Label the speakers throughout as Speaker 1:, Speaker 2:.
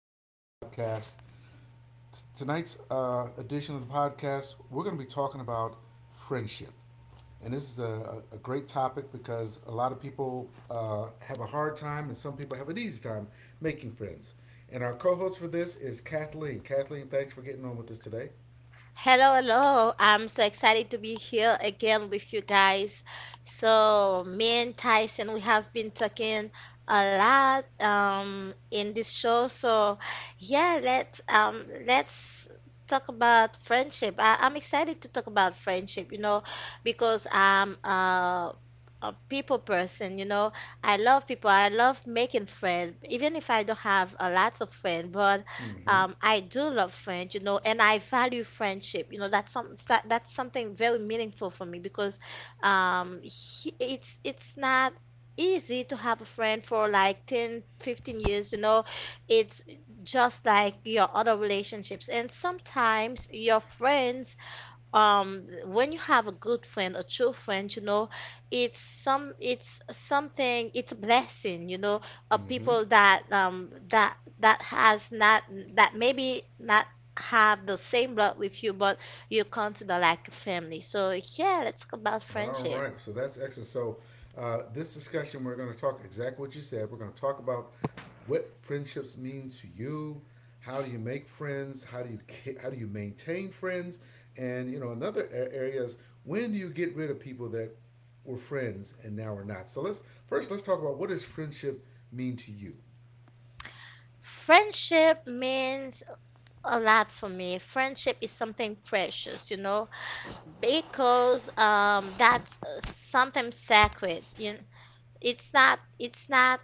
Speaker 1: for another podcast. Tonight's edition of the podcast, we're going to be talking about friendship, and this is a great topic because a lot of people have a hard time, and some people have an easy time making friends. And our co-host for this is Kathleen. Kathleen, thanks for getting on with us today.
Speaker 2: Hello, hello. I'm so excited to be here again with you guys. So, me and Tyson, we have been talking a lot in this show. So, yeah, let's talk about friendship. I'm excited to talk about friendship, because I'm a people person. I love people. I love making friends, even if I don't have a lot of friends, but
Speaker 1: Mm-hmm.
Speaker 2: I do love friends, and I value friendship. You know, that's that's something very meaningful for me because it's not easy to have a friend for like 10, 15 years. It's just like your other relationships, and sometimes your friends, when you have a good friend, a true friend, it's something, it's a blessing, of
Speaker 1: Mm-hmm.
Speaker 2: people that, that has not, that maybe not have the same blood with you, but you consider like a family. So yeah, let's talk about
Speaker 1: All
Speaker 2: friendship.
Speaker 1: right, so that's excellent. So, this discussion, we're going to talk exactly what you said. We're going to talk about what friendships mean to you. How do you make friends? How do you maintain friends? And you know, another area is when do you get rid of people that were friends and now are not? So let's first let's talk about what does friendship mean to you.
Speaker 2: Friendship means a lot for me. Friendship is something precious, because that's something sacred. It's not it's not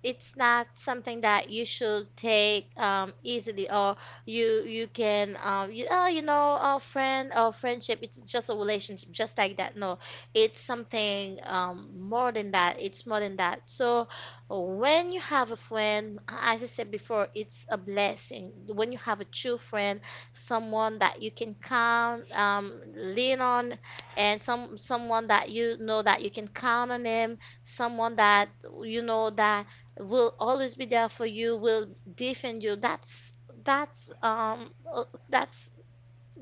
Speaker 2: it's not something that you should take easily. Or you can, you, oh you know oh friend oh friendship, it's just a relationship just like that. No, it's something more than that, it's more than that. So when you have a friend, as I said before, it's a blessing. When you have a true friend, someone that you can count, lean on, and someone that you know, that you can count on him, someone that you know that will always be there for you, will defend you. That's that's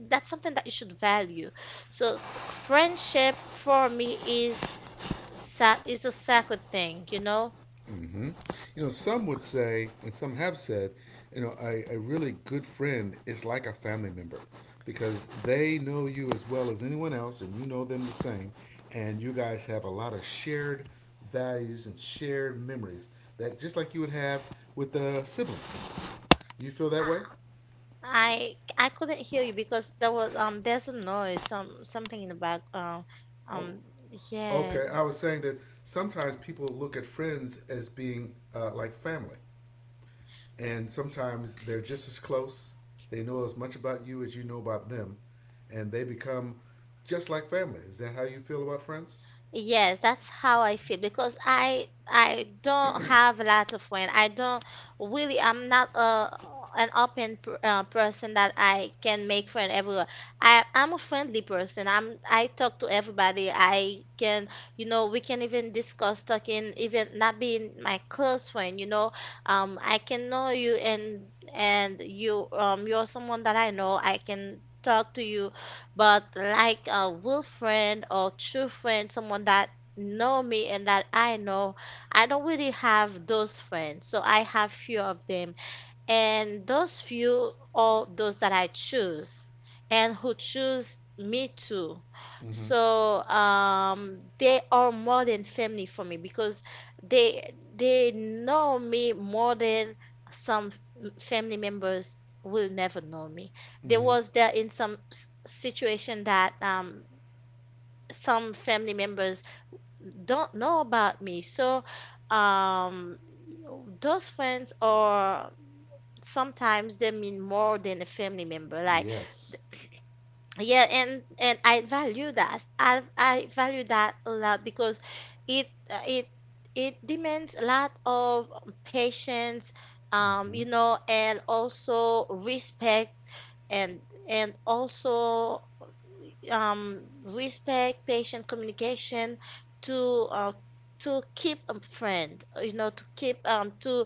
Speaker 2: that's something that you should value. So friendship for me is a sacred thing,
Speaker 1: You know, some would say, and some have said, you know, a really good friend is like a family member because they know you as well as anyone else and you know them the same. And you guys have a lot of shared values and shared memories that just like you would have with a sibling. You feel that way?
Speaker 2: I couldn't hear you because there was, there's a noise, something in the back,
Speaker 1: Oh,
Speaker 2: um yeah.
Speaker 1: okay. I was saying that sometimes people look at friends as being like family, and sometimes they're just as close. They know as much about you as you know about them, and they become just like family. Is that how you feel about friends?
Speaker 2: Yes, that's how I feel, because I don't have a lot of friends. I don't really. I'm not a an open person that I can make friends everywhere. I'm a friendly person. I talk to everybody. I can, we can even discuss talking, even not being my close friend. I can know you, and you're someone that I know. I can talk to you, but like a real friend or true friend, someone that know me and that I know, I don't really have those friends. So I have few of them, and those few, all those that I choose and who choose me too.
Speaker 1: Mm-hmm.
Speaker 2: So they are more than family for me, because they know me more than some family members will never know me.
Speaker 1: Mm-hmm.
Speaker 2: There, in some situation that, some family members don't know about me. So um, those friends are, sometimes they mean more than a family member, like,
Speaker 1: Yes.
Speaker 2: yeah, and I value that, I value that a lot, because it uh, it it demands a lot of patience,
Speaker 1: Mm-hmm.
Speaker 2: and also respect, and and also, respect, patient, communication, to uh, to keep a friend, to keep, to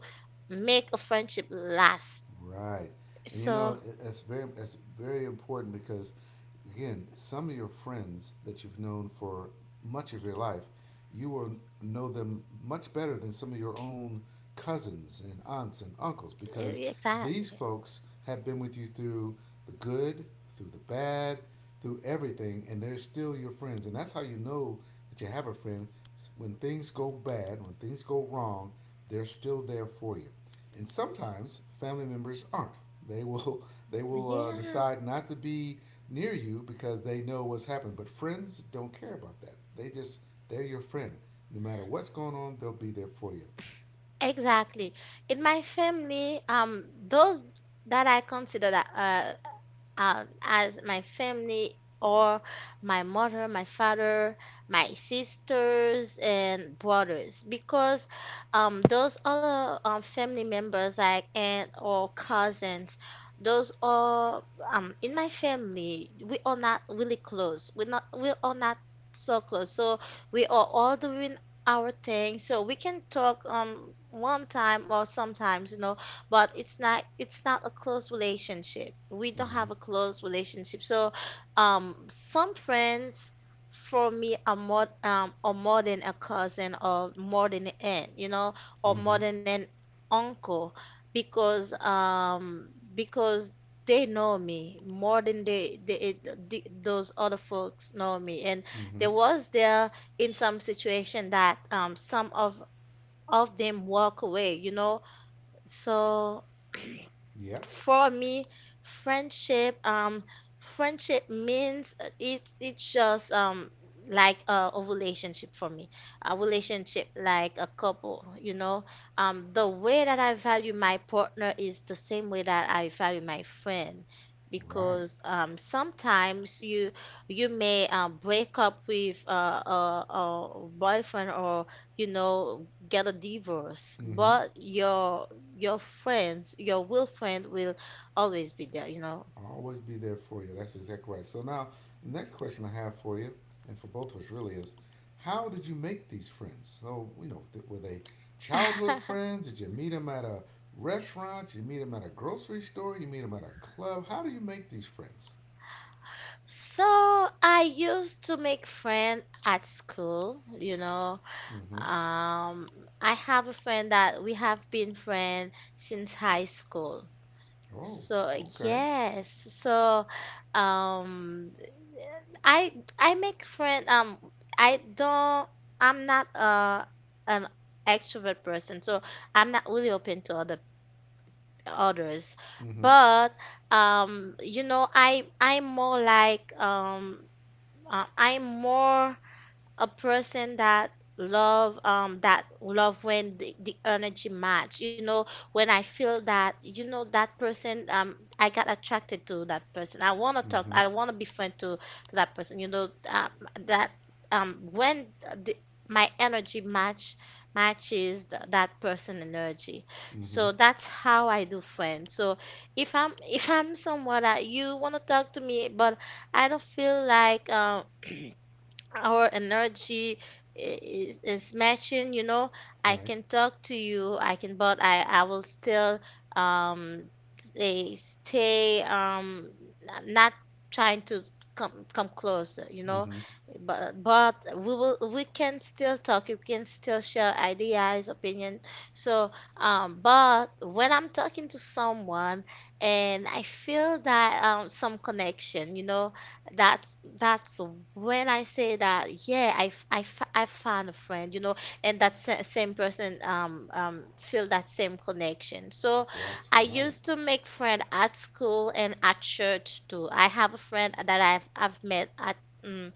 Speaker 2: make a friendship last.
Speaker 1: Right, and you
Speaker 2: So
Speaker 1: know it's very important because again, some of your friends that you've known for much of your life, you will know them much better than some of your own cousins and aunts and uncles because these
Speaker 2: exactly.
Speaker 1: folks have been with you through the good, through the bad, through everything, and they're still your friends, and that's how you know that you have a friend when things go bad, when things go wrong, they're still there for you. And sometimes family members aren't. They will they will
Speaker 2: Yeah,
Speaker 1: decide not to be near you because they know what's happened. But friends don't care about that. They just they're your friend. No matter what's going on, they'll be there for you.
Speaker 2: exactly. In my family, those that I consider that, as my family, or my mother, my father, my sisters and brothers, because, those other, family members, like aunt or cousins, those are, in my family we are not really close. We are not so close. So we are all doing our thing, so we can talk, one time or sometimes, but it's not a close relationship. We don't
Speaker 1: Mm-hmm.
Speaker 2: have a close relationship. So, some friends for me are more, are more than a cousin, or more than an aunt, or
Speaker 1: Mm-hmm.
Speaker 2: more than an uncle, because they know me more than those other folks know me. And
Speaker 1: Mm-hmm.
Speaker 2: there, in some situation that, some of them walk away, so
Speaker 1: Yep.
Speaker 2: for me, friendship, friendship means, it's just, like a relationship for me, a relationship like a couple, The way that I value my partner is the same way that I value my friend.
Speaker 1: Right.
Speaker 2: Because, sometimes you may, break up with, a boyfriend, or, you know, get a divorce,
Speaker 1: Mm-hmm.
Speaker 2: but your friends, your will friend will always be there,
Speaker 1: I'll always be there for you. That's exactly right. So now, the next question I have for you, and for both of us really, is how did you make these friends? So, you know, were they childhood friends? Did you meet them at a restaurant? Did you meet them at a grocery store? You meet them at a club? How do you make these friends?
Speaker 2: So I used to make friend at school,
Speaker 1: Mm-hmm.
Speaker 2: Um, I have a friend that we have been friend since high school.
Speaker 1: Oh,
Speaker 2: So
Speaker 1: okay.
Speaker 2: yes. So um, I I make friend. I don't. I'm not an extrovert person, so I'm not really open to others.
Speaker 1: Mm-hmm.
Speaker 2: But I'm more like, I'm more a person that love, that love when the energy match, when I feel that, that person, I got attracted to that person. I want to talk,
Speaker 1: Mm-hmm.
Speaker 2: I want to be friend to that person, that when the, my energy matches that person energy.
Speaker 1: Mm-hmm.
Speaker 2: So that's how I do friends. So if I'm someone that you want to talk to me, but I don't feel like, our energy is matching, I
Speaker 1: Right.
Speaker 2: can talk to you, I can, but I will still, um say stay, not trying to come closer,
Speaker 1: Mm-hmm.
Speaker 2: but we will, we can still talk, you can still share ideas, opinion. So but when I'm talking to someone and I feel that, some connection, that's when I say that, yeah, I found a friend, and that same person, feel that same connection. So
Speaker 1: That's
Speaker 2: I
Speaker 1: right.
Speaker 2: used to make friend at school and at church too. I have a friend that I've met at, um,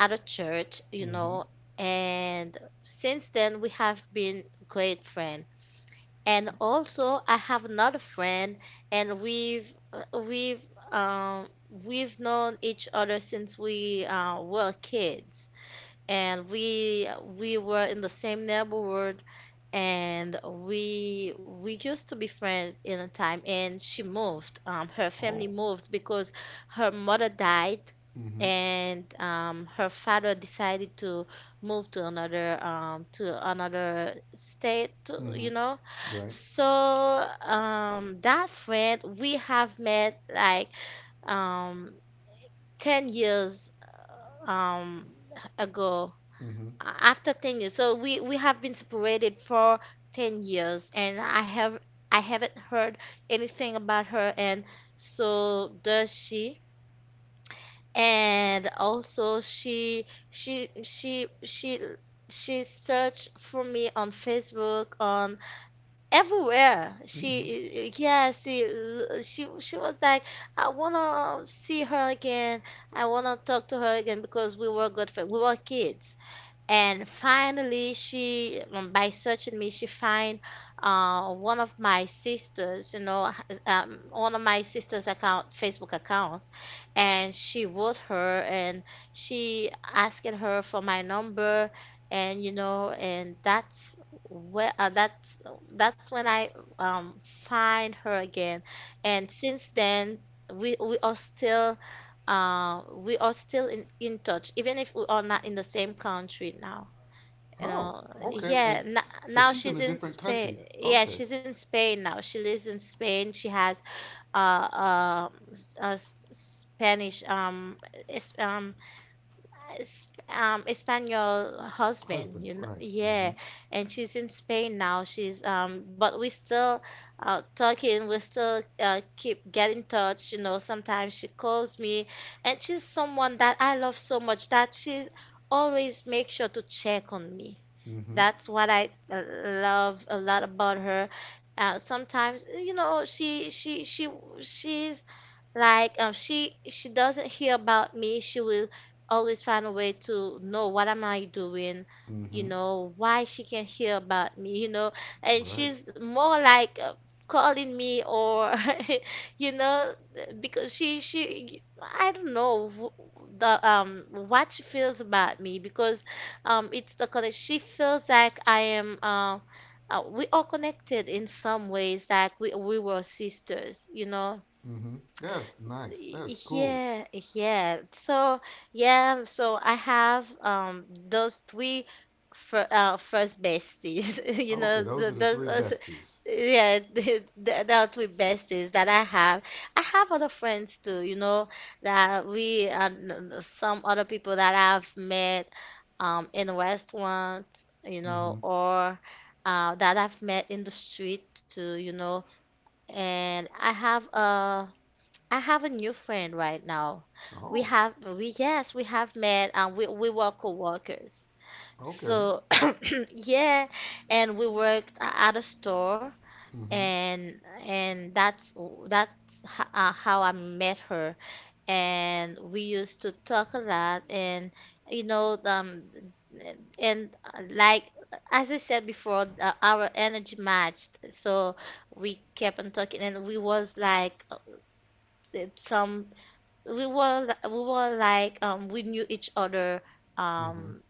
Speaker 2: at a church,
Speaker 1: Mm-hmm.
Speaker 2: and since then we have been great friend. And also, I have another friend, and we've known each other since we, were kids, and we were in the same neighborhood, and we used to be friends in a time. And she moved, her family
Speaker 1: Oh.
Speaker 2: moved because her mother died,
Speaker 1: Mm-hmm.
Speaker 2: and, her father decided to move to another, to another state
Speaker 1: Mm-hmm.
Speaker 2: you know.
Speaker 1: Right.
Speaker 2: So that friend we have met like, um, 10 years, um, ago.
Speaker 1: Mm-hmm.
Speaker 2: After 10 years, so we have been separated for 10 years. And I haven't heard anything about her, and so does she. And also, she searched for me on Facebook, on everywhere.
Speaker 1: Mm-hmm.
Speaker 2: She, yeah, she was like, I wanna see her again, I wanna talk to her again, because we were good friends, we were kids. And finally, she, by searching me, she find, one of my sisters, one of my sister's account, Facebook account. And she wrote her, and she asking her for my number. And that's where that's when I, um, find her again. And since then. We, we are still we are still in touch, even if we are not in the same country now. You
Speaker 1: Oh,
Speaker 2: know,
Speaker 1: okay.
Speaker 2: yeah,
Speaker 1: And
Speaker 2: n
Speaker 1: so
Speaker 2: now
Speaker 1: she's in
Speaker 2: she's
Speaker 1: a
Speaker 2: in
Speaker 1: different
Speaker 2: Spain.
Speaker 1: country.
Speaker 2: Yeah,
Speaker 1: Okay.
Speaker 2: she's in Spain now. She lives in Spain. She has, Spanish, is um Espanol husband,
Speaker 1: Husband, right. Mm-hmm.
Speaker 2: Yeah, and she's in Spain now. She's, but we still, talking, we still, keep getting touch, Sometimes she calls me, and she's someone that I love so much that she's always make sure to check on me.
Speaker 1: Mm-hmm.
Speaker 2: That's what I, love a lot about her. Sometimes, she's like, she doesn't hear about me. She will always find a way to know what am I doing,
Speaker 1: Mm-hmm.
Speaker 2: why she can't hear about me, and
Speaker 1: Right.
Speaker 2: she's more like, calling me, or you know because she I don't know, wh- the what she feels about me. Because it's the connection. She feels like I am. We are connected in some ways, like we were sisters,
Speaker 1: Mm-hmm. That's nice. That is
Speaker 2: S-
Speaker 1: cool.
Speaker 2: Yeah, yeah. So yeah, so I have, those three first besties,
Speaker 1: Okay, those are
Speaker 2: th
Speaker 1: the
Speaker 2: those.
Speaker 1: three besties.
Speaker 2: Yeah, that three besties that I have. I have other friends too, that we and some other people that I've met in restaurants,
Speaker 1: Mm-hmm.
Speaker 2: or that I've met in the street too. And I have a new friend right now. We
Speaker 1: Oh,
Speaker 2: have we yes we have met, and we were co-workers.
Speaker 1: okay.
Speaker 2: So yeah, and we worked at a store,
Speaker 1: Mm-hmm.
Speaker 2: and that's that's how I met her. And we used to talk a lot, and you know um like, as I said before, our energy matched. So we kept on talking, and we was like, some we were like, we knew each other,
Speaker 1: Mm-hmm.
Speaker 2: um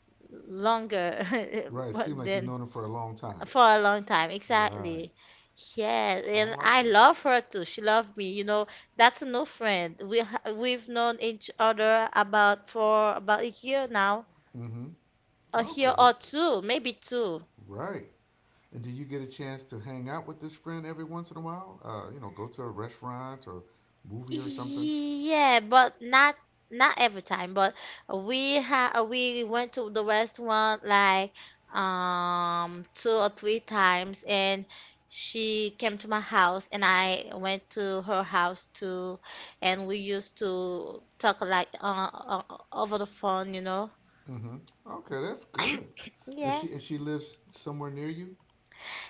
Speaker 2: longer
Speaker 1: Right. It seemed like you've
Speaker 2: than
Speaker 1: known her for a long time.
Speaker 2: for a long time,
Speaker 1: Right.
Speaker 2: exactly. Yeah,
Speaker 1: I
Speaker 2: and
Speaker 1: like
Speaker 2: I
Speaker 1: that.
Speaker 2: love her too. She loved me. That's no friend. We've known each other about for about a year now,
Speaker 1: Mm-hmm.
Speaker 2: a year
Speaker 1: Okay.
Speaker 2: or two, maybe two.
Speaker 1: Right. And do you get a chance to hang out with this friend every once in a while? You know, go to a restaurant or movie or something?
Speaker 2: Yeah, but not every time. But we went to the restaurant like two or three times, and she came to my house, and I went to her house too, and we used to talk like over the phone.
Speaker 1: Mm-hmm. Okay, that's good. And
Speaker 2: Yeah.
Speaker 1: she lives somewhere near you.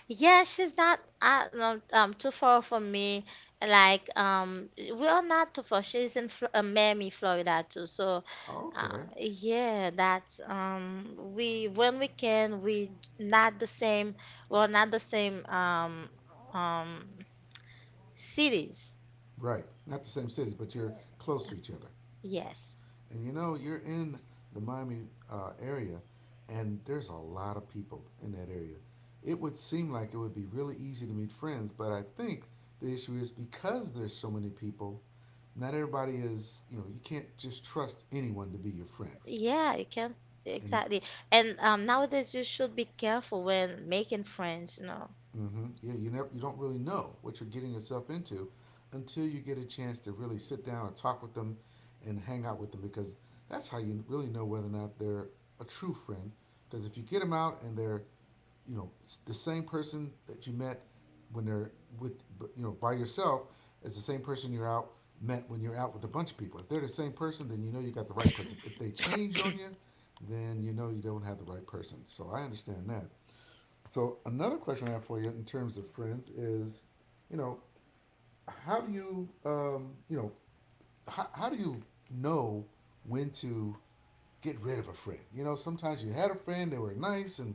Speaker 2: Yeah, she's not, no, too far from me. Like, we are not too far. She's in Fl Miami, Florida too. So,
Speaker 1: Okay,
Speaker 2: yeah, that's we when we can, we not the same. We're not the same um cities.
Speaker 1: right. Not the same cities, but you're close to each other.
Speaker 2: Yes,
Speaker 1: And you know, you're in the Miami area, and there's a lot of people in that area. It would seem like it would be really easy to meet friends, but I think the issue is because there's so many people. Not everybody is, you know, you can't just trust anyone to be your friend.
Speaker 2: yeah, you can,
Speaker 1: And
Speaker 2: exactly. And nowadays you should be careful when making friends. You know,
Speaker 1: Mm-hmm. Yeah, you never, you don't really know what you're getting yourself into until you get a chance to really sit down and talk with them and hang out with them because that's how you really know whether or not they're a true friend. Because if you get them out and they're, you know, the same person that you met when they're with, but, you know, by yourself, it's the same person you're out met when you're out with a bunch of people. If they're the same person, then you know you got the right person. If they change on you, then you know you don't have the right person. So I understand that. So another question I have for you in terms of friends is, you know, how do you, you know, how do you know when to get rid of a friend? You know, sometimes you had a friend, they were nice,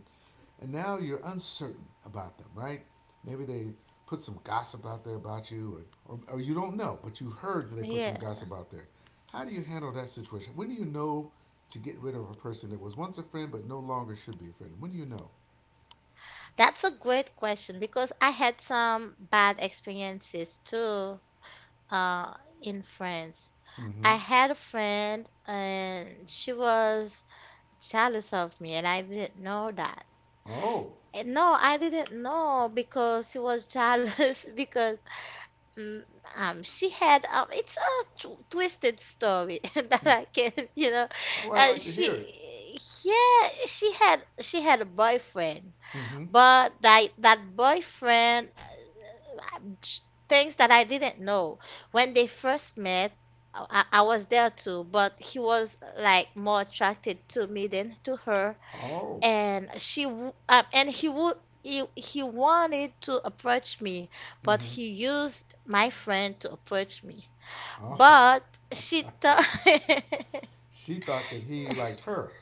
Speaker 1: and now you're uncertain about them, right? Maybe they put some gossip out there about you, or you don't know, but you have heard that they put some
Speaker 2: yeah.
Speaker 1: gossip out there. How do you handle that situation? When do you know to get rid of a person that was once a friend but no longer should be a friend? When do you know?
Speaker 2: That's a great question, because I had some bad experiences too, uh, in France.
Speaker 1: Mm-hmm.
Speaker 2: I had a friend and she was jealous of me, and I didn't know that.
Speaker 1: Oh,
Speaker 2: And no, I didn't know, because she was jealous because mm, she had, it's a twisted story that
Speaker 1: Mm.
Speaker 2: I can.
Speaker 1: Oh, I'd like to hear it.
Speaker 2: She, yeah, she had a boyfriend.
Speaker 1: Mm-hmm.
Speaker 2: But that boyfriend, sh- things that I didn't know. When they first met, I was there too, but he was like more attracted to me than to her.
Speaker 1: Oh.
Speaker 2: And she, and he would, he wanted to approach me, but
Speaker 1: Mm-hmm.
Speaker 2: he used my friend to approach me.
Speaker 1: Oh.
Speaker 2: But she thought.
Speaker 1: She thought that he liked her.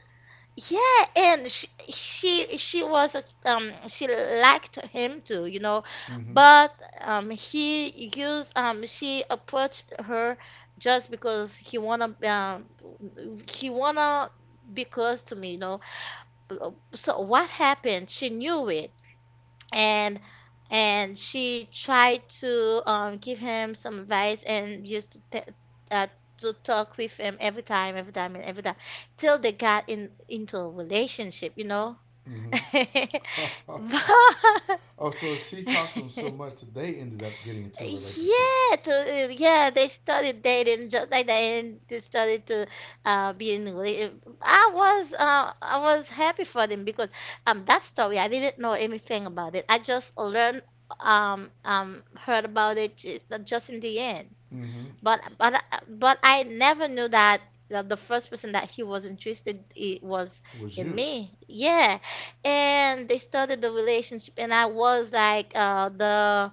Speaker 2: Yeah, and she was she liked him too, you know,
Speaker 1: Mm-hmm.
Speaker 2: but he used, she approached her just because he wanna, he wanna be close to me, you know. So what happened? She knew it, and she tried to, give him some advice, and used to, uh, to talk with him every time, and every time till they got in into a relationship, you know.
Speaker 1: Mm-hmm.
Speaker 2: But
Speaker 1: Oh, so she talked to him so much that they ended up getting into a relationship.
Speaker 2: yeah, to, yeah, they studied dating, just like they studied to, be in. I was, I was happy for them, because that story, I didn't know anything about it. I just learned, heard about it just in the end.
Speaker 1: Mm-hmm.
Speaker 2: But I never knew that the first person that he was interested I was
Speaker 1: Was
Speaker 2: in
Speaker 1: you.
Speaker 2: me. Yeah, and they started the relationship, and I was like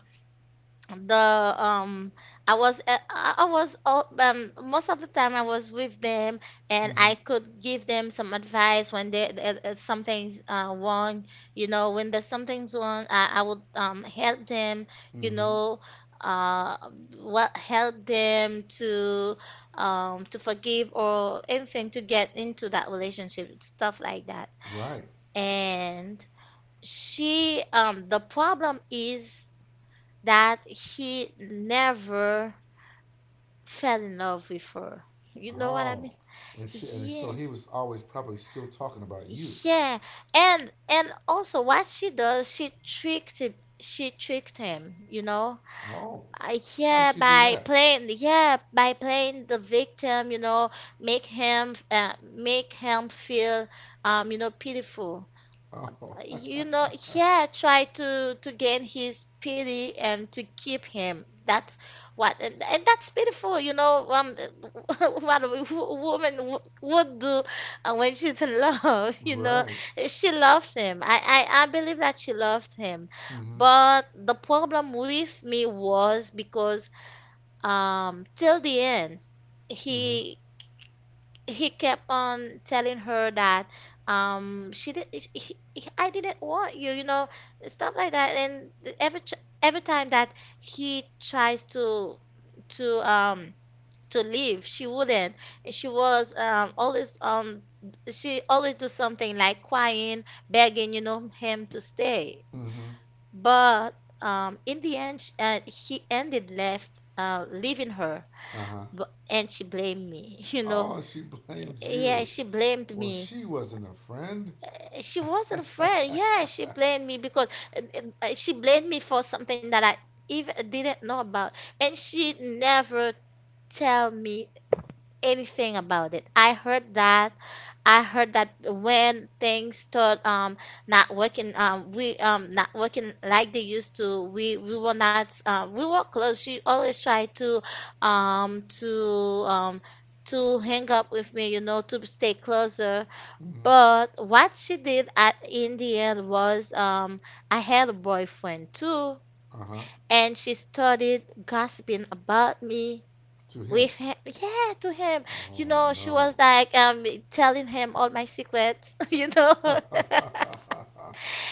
Speaker 2: the I was most of the time I was with them, and
Speaker 1: Mm-hmm.
Speaker 2: I could give them some advice when they, something's wrong. You know, when there's something's wrong, I would help them, you
Speaker 1: Mm-hmm.
Speaker 2: know, uh what help them to, to forgive or anything, to get into that relationship, stuff like that.
Speaker 1: Right.
Speaker 2: And she the problem is that he never fell in love with her. You know what I
Speaker 1: Oh.
Speaker 2: mean?
Speaker 1: And she and so
Speaker 2: Yeah,
Speaker 1: he was always probably still talking about you.
Speaker 2: yeah. And also, what she does, she tricked it, she tricked him, you know?
Speaker 1: Oh. How did
Speaker 2: Yeah,
Speaker 1: she do
Speaker 2: by
Speaker 1: that?
Speaker 2: playing, the victim, you know, make him, feel, pitiful.
Speaker 1: Oh.
Speaker 2: You know, yeah, try to gain his pity and to keep him. And that's beautiful, you know, what a woman would do, when she's in love, you know,
Speaker 1: Right.
Speaker 2: she loved him. I believe that she loved him.
Speaker 1: Mm-hmm.
Speaker 2: But the problem with me was, because till the end,
Speaker 1: Mm-hmm.
Speaker 2: he he kept on telling her that, she did he- I didn't want you, you know, stuff like that. And every ch- every time that he tries to, to um to leave, she wouldn't. And she was always, she always do something like crying, begging, you know, him to stay.
Speaker 1: Mm-hmm.
Speaker 2: But in the end, he ended left leaving her,
Speaker 1: Uh-huh.
Speaker 2: and she blamed me, you know.
Speaker 1: Oh, she blamed
Speaker 2: Yeah,
Speaker 1: you.
Speaker 2: she blamed
Speaker 1: Well,
Speaker 2: me.
Speaker 1: she wasn't a friend.
Speaker 2: She wasn't afraid. Yeah, she blamed me, because uh, she blamed me for something that I even didn't know about, and she never tell me anything about it. I heard that. I heard that when things start, not working, we not working like they used to. We were not, we were close. She always tried to, um to um to hang up with me, to stay closer.
Speaker 1: Mm.
Speaker 2: But what she did at in the end was, I had a boyfriend too,
Speaker 1: Uh huh.
Speaker 2: and she started gossiping about me
Speaker 1: To him.
Speaker 2: with him. Yeah, to him.
Speaker 1: Oh
Speaker 2: She was
Speaker 1: no.
Speaker 2: like, telling him all my secrets, you know.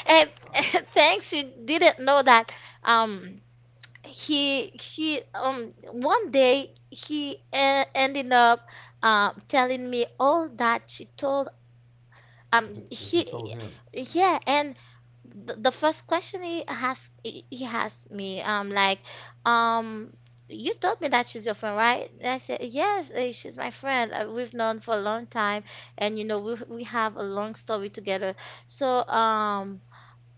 Speaker 2: And, thanks, you didn't know that, um, he one day he, ended up, telling me all that she told,
Speaker 1: She
Speaker 2: he
Speaker 1: told him
Speaker 2: yeah. And the first question he asked, he asked me, um you told me that she's your friend, right? And I said, yes, she's my friend. We've known for a long time, and you know, we have a long story together, so um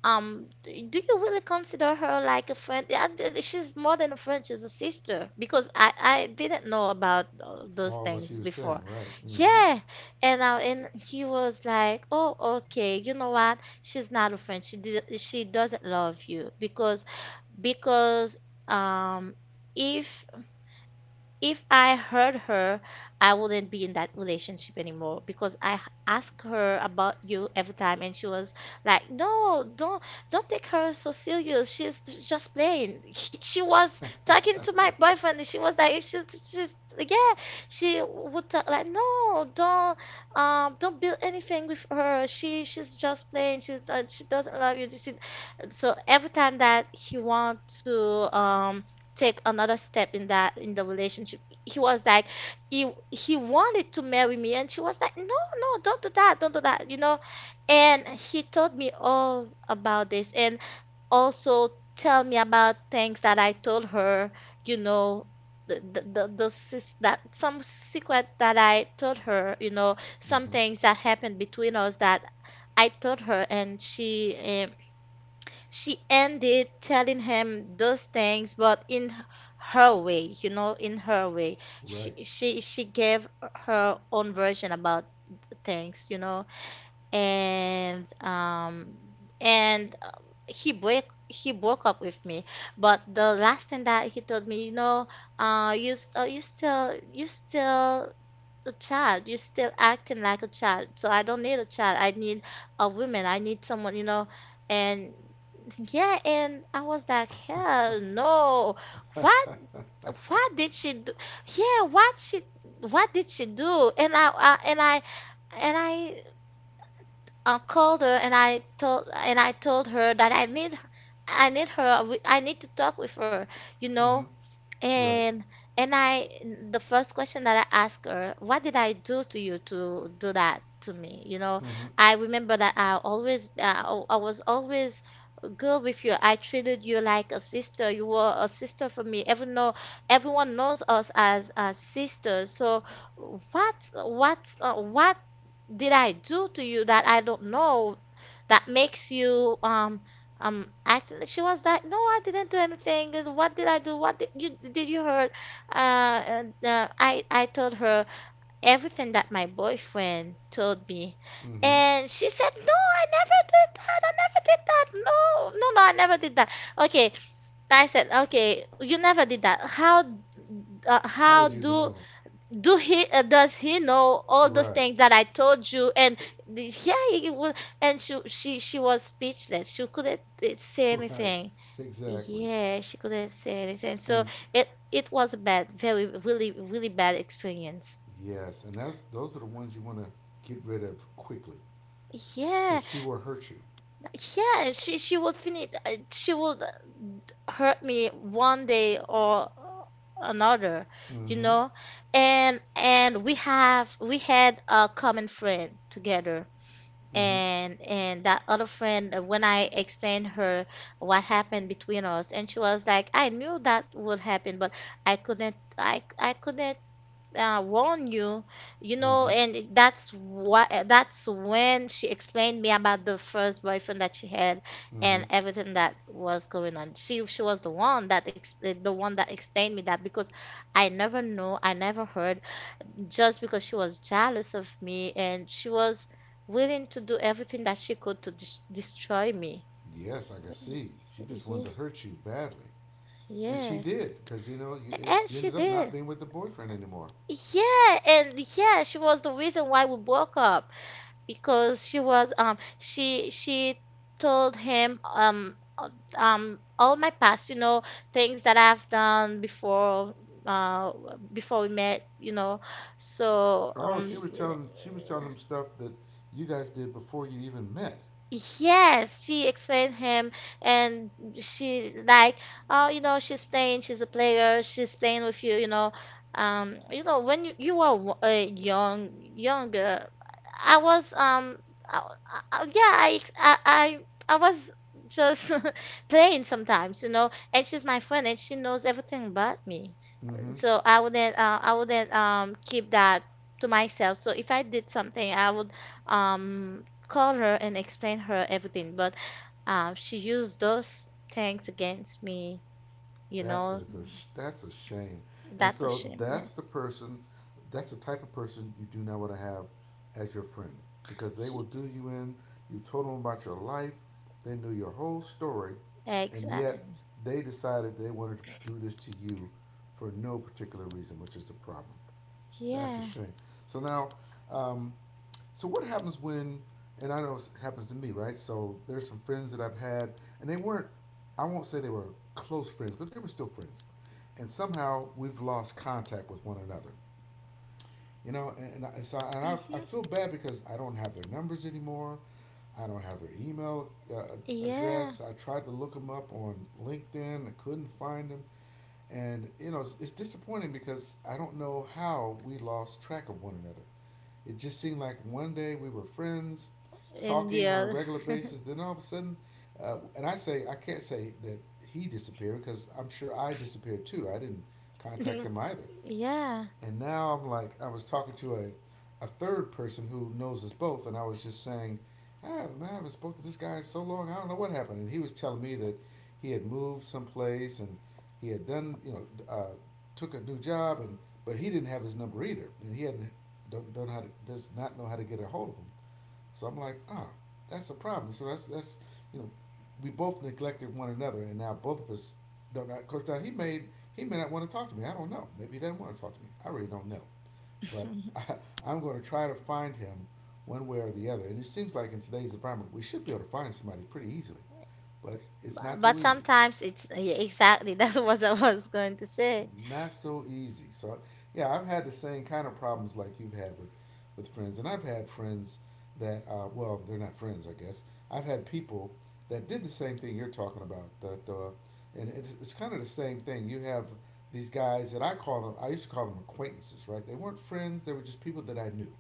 Speaker 2: um, do you really consider her like a friend? Yeah, she's more than a friend, she's a sister, because I didn't know about, those
Speaker 1: all what she
Speaker 2: things
Speaker 1: was saying.
Speaker 2: before.
Speaker 1: Right. Mm-hmm.
Speaker 2: Yeah. And he was like, "Oh, okay. You know what? She's not a friend. She did, she doesn't love you, because because um if I hurt her, I wouldn't be in that relationship anymore, because ask her about you every time, and she was like, 'No, don't take her so serious. She's just playing.'" She was talking to my boyfriend, and she was like, She's yeah." She would talk like, "No, don't build anything with her. She's just playing. She's not, she doesn't love you." So every time that he want to, take another step in that in the relationship. He was like, he wanted to marry me, and she was like, no, no, don't do that, don't do that. And he told me all about this, and also tell me about things that I told her, you know. The, those that some secret that I told her, you know, some
Speaker 1: Mm-hmm.
Speaker 2: things that happened between us that I told her, and she, she ended telling him those things, but in her way, in her way.
Speaker 1: Right.
Speaker 2: She gave her own version about things, and and uh, he break he broke up with me. But the last thing that he told me, you know, you you still, a child. You're still acting like a child. So I don't need a child. I need a woman. I need someone, you know. And yeah, and I was like, hell no. What? What did she do? Yeah, what she? What did she do? And I, called her, and I told her that I need her. I need to talk with her, you
Speaker 1: Mm-hmm.
Speaker 2: know.
Speaker 1: Right.
Speaker 2: And I the first question that I asked her, what did I do to you to do that to me? You know,
Speaker 1: Mm-hmm.
Speaker 2: I remember that I was always good with you. I treated you like a sister. You were a sister for me. Even though everyone knows us as sisters. So what did I do to you that I don't know that makes you acting like, she was like, no I didn't do anything what did I do, what did you, did you hurt I told her everything that my boyfriend told me.
Speaker 1: Mm-hmm.
Speaker 2: And she said, no I never did that, I never did that, no, no, no, I never did that. Okay. I said, okay, you never did that,
Speaker 1: How
Speaker 2: how
Speaker 1: would you know?
Speaker 2: do he, does he know all those
Speaker 1: Right.
Speaker 2: things that I told you? And yeah he will. And she was speechless, she couldn't say
Speaker 1: Right.
Speaker 2: anything.
Speaker 1: Exactly.
Speaker 2: Yeah, she couldn't say anything. So
Speaker 1: And s
Speaker 2: it was a bad, very, really really bad experience.
Speaker 1: Yes, and that's those are the ones you want to get rid of quickly,
Speaker 2: Yeah,
Speaker 1: cause she will hurt you.
Speaker 2: yeah she would finish, she would hurt me one day or another, you
Speaker 1: Mm-hmm.
Speaker 2: know. And we have we had a common friend together.
Speaker 1: Mm-hmm.
Speaker 2: And that other friend, when I explained her what happened between us, and she was like, I knew that would happen, but I couldn't, I couldn't warn you, you know.
Speaker 1: Mm-hmm.
Speaker 2: And that's what that's when she explained me about the first boyfriend that she had
Speaker 1: Mm-hmm.
Speaker 2: and everything that was going on. She was the one that the one that explained me that, because I never knew, I never heard, just because she was jealous of me and she was willing to do everything that she could to destroy me.
Speaker 1: Yes, I could see. She just
Speaker 2: Yeah,
Speaker 1: wanted to hurt you badly, and she
Speaker 2: yeah.
Speaker 1: did because you know
Speaker 2: And
Speaker 1: you
Speaker 2: she
Speaker 1: ended up not
Speaker 2: did.
Speaker 1: being with the boyfriend anymore.
Speaker 2: Yeah, and yeah, she was the reason why we broke up, because she was she told him all my past, you know, things that I've done before uh before we met, you know. So
Speaker 1: Oh,
Speaker 2: um,
Speaker 1: she was telling him stuff that you guys did before you even met.
Speaker 2: yes, she explained him. And she like, oh, you know, she's playing, she's a player, she's playing with you, you know, when you, you were young, younger, I was I, I- yeah, I, ex- I was just playing sometimes, you know, and she's my friend, and she knows everything about me.
Speaker 1: Mm-hmm.
Speaker 2: So I wouldn't, I wouldn't keep that to myself. So if I did something, I would call her and explain her everything. But she used those things against me. You
Speaker 1: That
Speaker 2: know,
Speaker 1: is a that's a shame. And
Speaker 2: that's a
Speaker 1: so
Speaker 2: shame. Yeah.
Speaker 1: that's the person, that's the type of person you do not want to have as your friend because they
Speaker 2: He,
Speaker 1: will do you in. You told them about your life, they knew your whole story, and yet
Speaker 2: exactly.
Speaker 1: they decided they wanted to do this to you for no particular reason, which is the problem. That's a
Speaker 2: Yeah.
Speaker 1: shame. So now, um, so what happens when, and I know this happens to me, right? So there's some friends that I've had, and they weren't, I won't say they were close friends, but they were still friends. And somehow we've lost contact with one another. You know, and
Speaker 2: Hmm.
Speaker 1: I feel bad because I don't have their numbers anymore. I don't have their email
Speaker 2: Yeah.
Speaker 1: address. I tried to look them up on LinkedIn. I couldn't find them. And, you know, it's disappointing because I don't know how we lost track of one another. It just seemed like one day we were friends,
Speaker 2: And
Speaker 1: talking on a
Speaker 2: yeah.
Speaker 1: regular basis. Then all of a sudden, and I say I can't say that he disappeared because I'm sure I disappeared too. I didn't contact him either.
Speaker 2: Yeah.
Speaker 1: And now I'm like, I was talking to a third person who knows us both, and I was just saying, "Ah, man, I haven't spoke to this guy in so long. I don't know what happened. And he was telling me that he had moved someplace and he had done, you know, uh, took a new job, and but he didn't have his number either, and he hadn't don't know how to, does not know how to get a hold of him. So I'm like, ah, oh, that's a problem. So that's you know, we both neglected one another, and now both of us don't know. Of course, now he may not want to talk to me. I don't know. Maybe he doesn't want to talk to me. I really don't know. But I, I'm going to try to find him one way or the other. And it seems like in today's environment, we should be able to find somebody pretty easily, but it's not
Speaker 2: But
Speaker 1: so easy.
Speaker 2: sometimes it's, yeah, exactly, that's what I was going to say.
Speaker 1: Not so easy. So yeah, I've had the same kind of problems like you've had with friends, and I've had friends that well, they're not friends, I guess. I've had people that did the same thing you're talking about. That and it's kind of the same thing. You have these guys that I used to call them acquaintances, right? They weren't friends. They were just people that I knew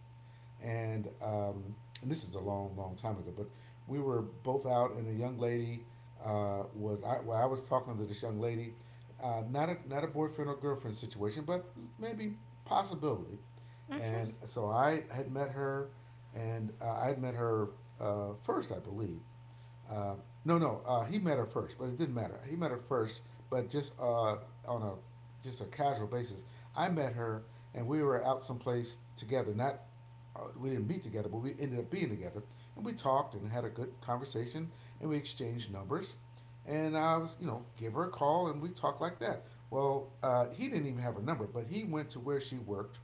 Speaker 1: and um, and this is a long, long time ago, but we were both out, and a young lady I was talking to this young lady, not a boyfriend or girlfriend situation, but maybe possibility,
Speaker 2: Hmm.
Speaker 1: and so I had met her, and I had met her first, I believe, uh, no, no, he met her first, but it didn't matter. He met her first, but just on a just a casual basis. I met her, and we were out someplace together. Not we didn't meet together, but we ended up being together, and we talked and had a good conversation, and we exchanged numbers, and I was gave her a call, and we talked like that. Well, he didn't even have her number, but he went to where she worked,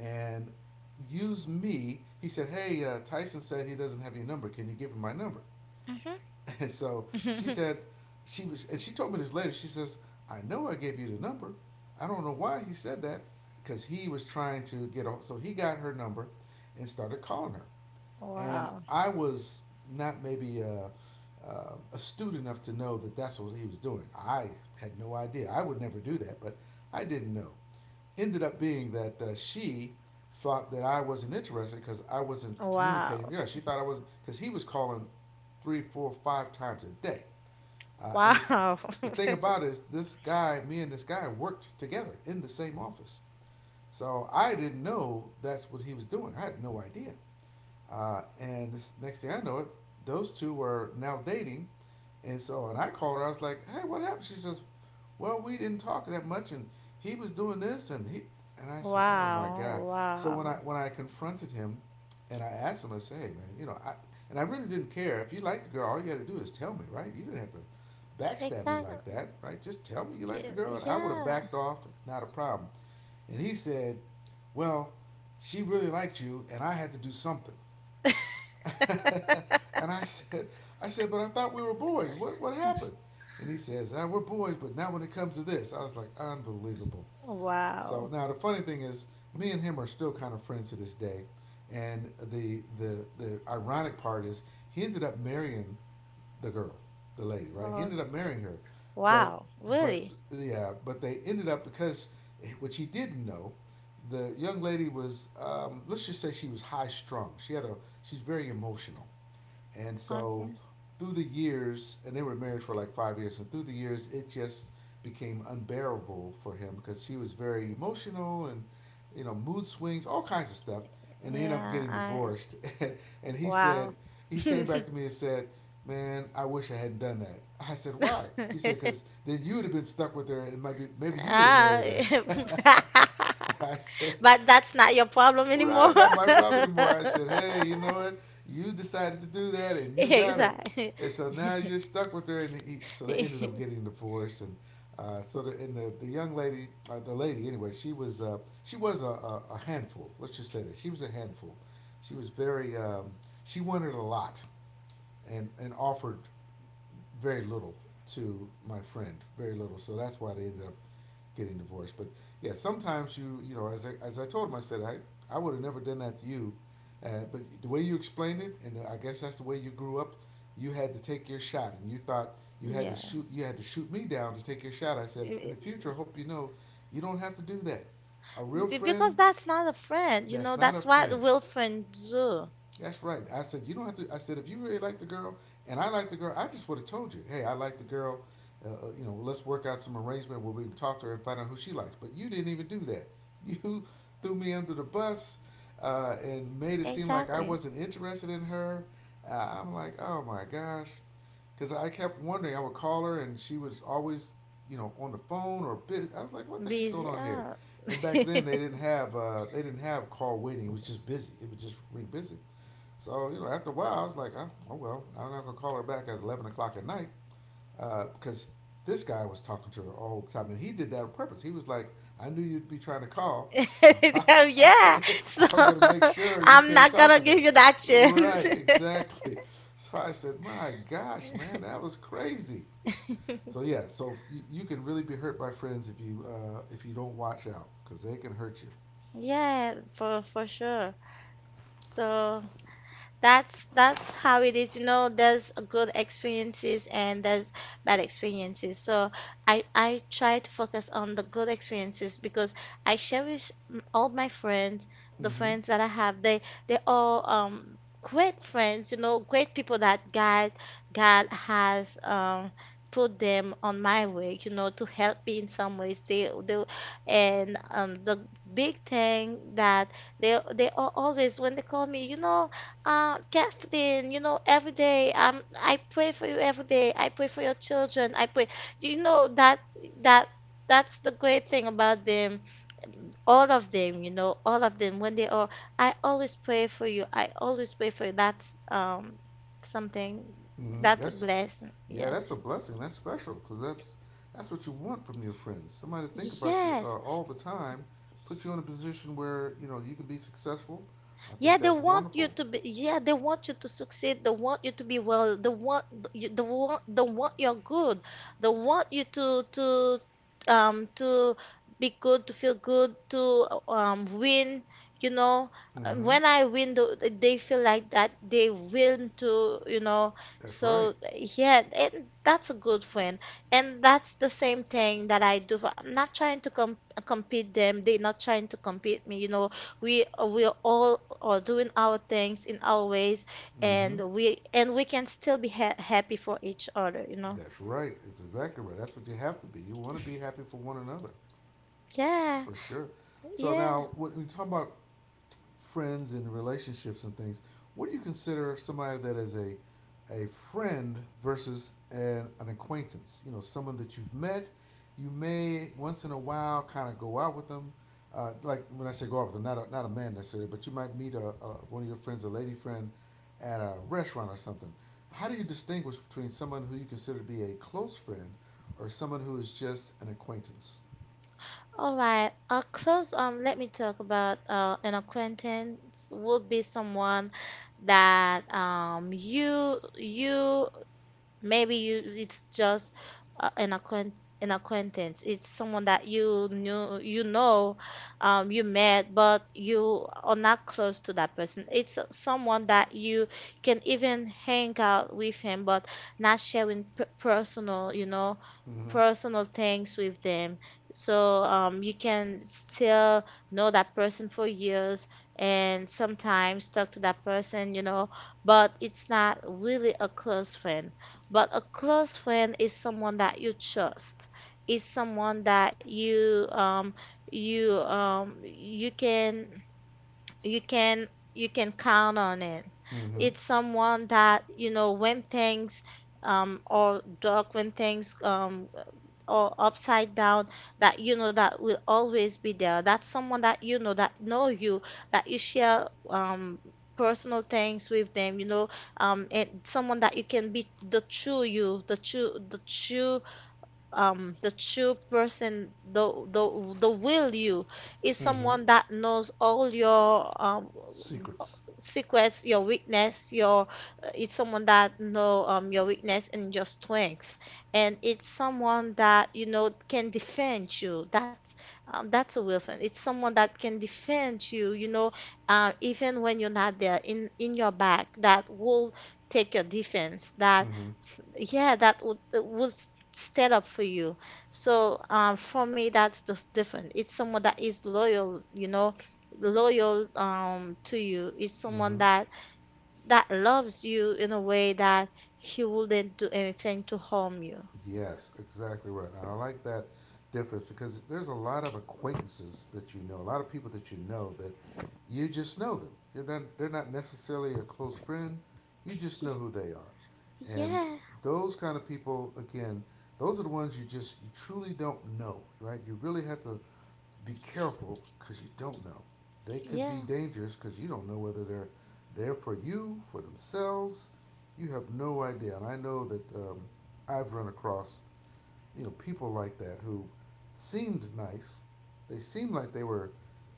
Speaker 1: and used me. He said, "Hey, Tyson said he doesn't have your number. Can you give him my number?" And so she
Speaker 2: Hmm.
Speaker 1: said she was, and she told me this later. She says, "I know I gave you the number. I don't know why he said that because he was trying to get a, so he got her number and started calling her. And
Speaker 2: Wow.
Speaker 1: I was not maybe astute enough to know that that's what he was doing. I had no idea. I would never do that, but I didn't know ended up being that she thought that I wasn't interested because I wasn't communicating.
Speaker 2: Wow.
Speaker 1: Yeah, she thought I wasn't because he was calling three, four, five times a day. And it,
Speaker 2: Wow.
Speaker 1: the thing about it is, this guy, me and this guy, worked together in the same office. So I didn't know that's what he was doing. I had no idea. And this next thing I know, it those two were now dating, and so and I called her. I was like, "Hey, what happened?" She says, "Well, we didn't talk that much, and he was doing this, and he." And I said, "Oh my god!"
Speaker 2: Wow,
Speaker 1: So when I
Speaker 2: wow,
Speaker 1: when I confronted him, and I asked him, I said, "Hey, man, you know, I and I really didn't care if you liked the girl. All you had to do is tell me, right? You didn't have to backstab me like
Speaker 2: exactly.
Speaker 1: that, right? Just tell me you like the girl, and I would have
Speaker 2: Yeah.
Speaker 1: backed off, not a problem." And he said, "Well, she really liked you, and I had to do something." And I said, but I thought we were boys. What happened? And he says, ah, we're boys, but not when it comes to this. I was like, unbelievable. So
Speaker 2: Wow.
Speaker 1: now the funny thing is, me and him are still kind of friends to this day. And the ironic part is, he ended up marrying the girl, the lady, right? He ended
Speaker 2: Okay.
Speaker 1: up marrying her, but
Speaker 2: Wow,
Speaker 1: but
Speaker 2: really?
Speaker 1: yeah, but they ended up because which he didn't know. The young lady was, let's just say, she was high strung. She had a, she's very emotional, and so
Speaker 2: Okay.
Speaker 1: through the years, and they were married for like 5 years, and through the years, it just became unbearable for him because she was very emotional and you know, mood swings, all kinds of stuff, and they end up
Speaker 2: Yeah,
Speaker 1: getting
Speaker 2: I.
Speaker 1: divorced. And he said,
Speaker 2: Wow.
Speaker 1: he came back to me and said, "Man, I wish I hadn't done that." I said, "Why?" He said, "Cause then you would have been stuck with her, and maybe maybe you would have
Speaker 2: Ah.
Speaker 1: married her." And I said,
Speaker 2: But that's not your problem anymore.
Speaker 1: right, not my problem anymore. I said, hey, you know what? You decided to do that, and you got her,
Speaker 2: Exactly.
Speaker 1: and so now you're stuck with her. And he, so they ended up getting divorced, and so the and the, the young lady, the lady anyway, she was a handful. Let's just say that she was a handful. She was very she wanted a lot, and offered very little to my friend, very little. So that's why they ended up getting divorced. But yeah, sometimes you, you know, as I told him, I said, I would have never done that to you. But the way you explained it, and I guess that's the way you grew up, you had to take your shot, and you thought
Speaker 2: Yeah.
Speaker 1: you had to shoot me down to take your shot. I said,
Speaker 2: It-
Speaker 1: in the
Speaker 2: it-
Speaker 1: future, I hope you know, you don't have to do that. A real
Speaker 2: Because
Speaker 1: friend,
Speaker 2: that's not a friend, you know,
Speaker 1: that's not a
Speaker 2: that's what
Speaker 1: friend.
Speaker 2: will friends do.
Speaker 1: That's right. I said, you don't have to. I said, if you really like the girl and I like the girl, I just would have told you, hey, I like the girl. You know, let's work out some arrangement where we can talk to her and find out who she likes. But you didn't even do that. You threw me under the bus and made it seem like I
Speaker 2: Exactly.
Speaker 1: wasn't interested in her. I'm like, oh my gosh. Because I kept wondering, I would call her and she was always, you know, on the phone or busy. I was like, what the heck's going
Speaker 2: Busy.
Speaker 1: on here?
Speaker 2: Oh.
Speaker 1: And back then they didn't have call waiting. It was just busy. It would just ring busy. So, you know, after a while, I was like, oh, oh well, I'm not going to call her back at 11 o'clock at night because this guy was talking to her all the time. And he did that on purpose. He was like, I knew you'd be trying to call, so
Speaker 2: Hell
Speaker 1: I,
Speaker 2: yeah. So
Speaker 1: I'm going to make sure you
Speaker 2: I'm
Speaker 1: can't
Speaker 2: not
Speaker 1: talk
Speaker 2: gonna
Speaker 1: to
Speaker 2: give
Speaker 1: her.
Speaker 2: you that chance.
Speaker 1: Right, exactly. So I said, my gosh, man, that was crazy. So yeah, so you can really be hurt by friends if you don't watch out because they can hurt you.
Speaker 2: Yeah, for sure. So that's how it is. You know, there's good experiences and there's bad experiences. So I try to focus on the good experiences, because I cherish all my friends, the
Speaker 1: Mm-hmm.
Speaker 2: friends that I have. They all great friends, you know, great people that God has put them on my way, you know, to help me in some ways. They and the big thing that they are always when they call me, you know, Kathleen, you know, every day, I pray for you every day. I pray for your children. I pray. Do you know that that that's the great thing about them. All of them, you know, all of them. When they are, I always pray for you. I always pray for you. That's something.
Speaker 1: Mm-hmm.
Speaker 2: That's a
Speaker 1: Yes,
Speaker 2: blessing.
Speaker 1: yeah,
Speaker 2: Yeah.
Speaker 1: that's a blessing. That's special because that's what you want from your friends. Somebody to think about you
Speaker 2: Yes.
Speaker 1: all the time, put you in a position where you know you can be successful. I think
Speaker 2: Yeah, they
Speaker 1: that's
Speaker 2: want you
Speaker 1: wonderful.
Speaker 2: to be. Yeah, they want you to succeed. They want you to be well. They want you. They want. They want you're good. They want you to um to be good, to feel good, to win. You know,
Speaker 1: Mm-hmm.
Speaker 2: when I win, they feel like that they win too. You know,
Speaker 1: That's
Speaker 2: so
Speaker 1: right.
Speaker 2: yeah, and that's a good friend, and that's the same thing that I do. I'm not trying to compete them. They're not trying to compete me. You know, we, we all are doing our things in our ways,
Speaker 1: Mm-hmm.
Speaker 2: and we can still be ha happy for each other, you know.
Speaker 1: That's right. It's exactly right. That's what you have to be. You want to be happy for one another. That's
Speaker 2: Yeah,
Speaker 1: for sure. So
Speaker 2: yeah.
Speaker 1: now, when we talk about friends and relationships and things, what do you consider somebody that is a friend versus an acquaintance? You know, someone that you've met, you may once in a while kind of go out with them. Like when I say go out with them, not a, not a man necessarily, but you might meet a one of your friends, a lady friend, at a restaurant or something. How do you distinguish between someone who you consider to be a close friend or someone who is just an acquaintance?
Speaker 2: All right, close, let me talk about an acquaintance would be someone that you. Maybe you, it's just uh, an acquaint an acquaintance. It's someone that you knew, you know, you met, but you are not close to that person. It's, someone that you can even hang out with him, but not sharing p personal, you know,
Speaker 1: Mm-hmm.
Speaker 2: personal things with them. So you can still know that person for years and sometimes talk to that person, you know, but it's not really a close friend. But a close friend is someone that you trust. Is someone that you you can, you can you can count on it.
Speaker 1: Mm-hmm.
Speaker 2: It's someone that, you know, when things um, or dark, when things or upside down, that you know that will always be there. That's someone that you know that know you, that you share personal things with them, you know, um, and someone that you can be the true you, the true, the true person, the will you, is
Speaker 1: Mm-hmm.
Speaker 2: someone that knows all your
Speaker 1: Secrets.
Speaker 2: secrets, your weakness, your, it's someone that know your weakness and your strength, and it's someone that you know can defend you, that's a will friend, it's someone that can defend you, you know, even when you're not there, in your back, that will take your defense, that
Speaker 1: Mm-hmm.
Speaker 2: yeah, that would stand up for you. So for me, that's just different. It's someone that is loyal, you know, loyal to you. It's
Speaker 1: Mm-hmm.
Speaker 2: someone that loves you in a way that he wouldn't do anything to harm you.
Speaker 1: Yes, exactly right. And I like that difference because there's a lot of acquaintances that you know, a lot of people that you know that you just know them. You're not, they're not necessarily a close friend. You just
Speaker 2: Ye-
Speaker 1: know who they are, and
Speaker 2: Yeah,
Speaker 1: those kind of people, again, those are the ones you just you truly don't know, right? You really have to be careful because you don't know. They could be
Speaker 2: yeah.
Speaker 1: dangerous because you don't know whether they're there for you, for themselves. You have no idea. And I know that I've run across you know people like that who seemed nice. They seemed like they were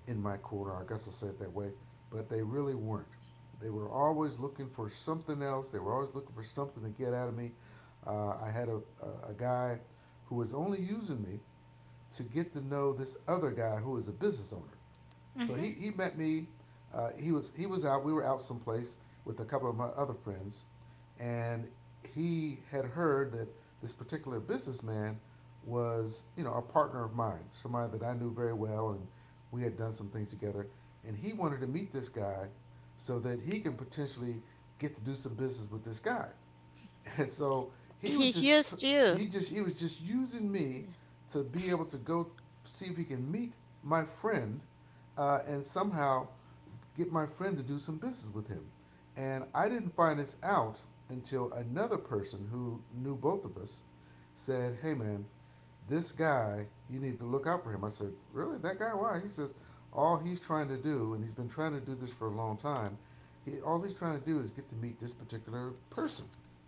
Speaker 1: in my corner. I guess I'll say it that way, but they really weren't. They were always looking for something else. They were always looking for something to get out of me. I had a guy who was only using me to get to know this other guy who is a business owner. So
Speaker 2: Hmm.
Speaker 1: he met me. He was out. We were out someplace with a couple of my other friends, and he had heard that this particular businessman was you know a partner of mine, somebody that I knew very well, and we had done some things together. And he wanted to meet this guy so that he can potentially get to do some business with this guy. And so he
Speaker 2: He
Speaker 1: was just
Speaker 2: used you.
Speaker 1: he was just using me to be able to go see if he can meet my friend and somehow get my friend to do some business with him. And I didn't find this out until another person who knew both of us said, "Hey man, this guy, you need to look out for him. I said, really? That guy? Why? He says, all he's trying to do, and he's been trying to do this for a long time, all he's trying to do is get to meet this particular person.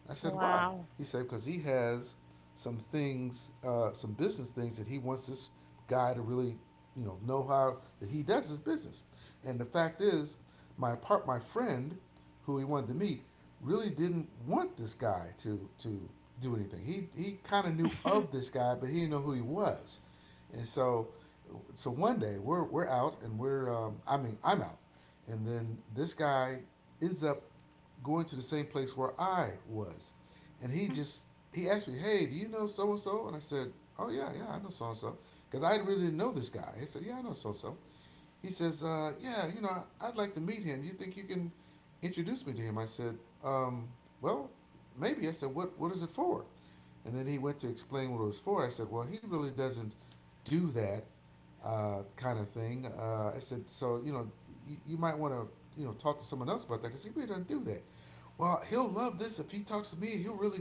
Speaker 1: I said, why?
Speaker 2: Wow.
Speaker 1: He said, because he has some things, some business things that he wants this guy to really, know how that he does his business. And the fact is, my friend who he wanted to meet, really didn't want this guy to do anything. He kind of knew of this guy, but he didn't know who he was. And so, one day we're out and we're I mean I'm out, and then this guy ends up going to the same place where I was, and he asked me, hey, do you know so and so? And I said, oh yeah, yeah, I know so and so, because I really didn't know this guy. He said, yeah, I know so and so. He says, "Yeah, I'd like to meet him. You think you can introduce me to him?" I said, um, "Well, maybe." I said, "What is it for?" And then he went to explain what it was for. I said, "Well, he really doesn't do that kind of thing. I said, so you might want to talk to someone else about that because he really doesn't do that. Well, he'll love this if he talks to me. He'll really,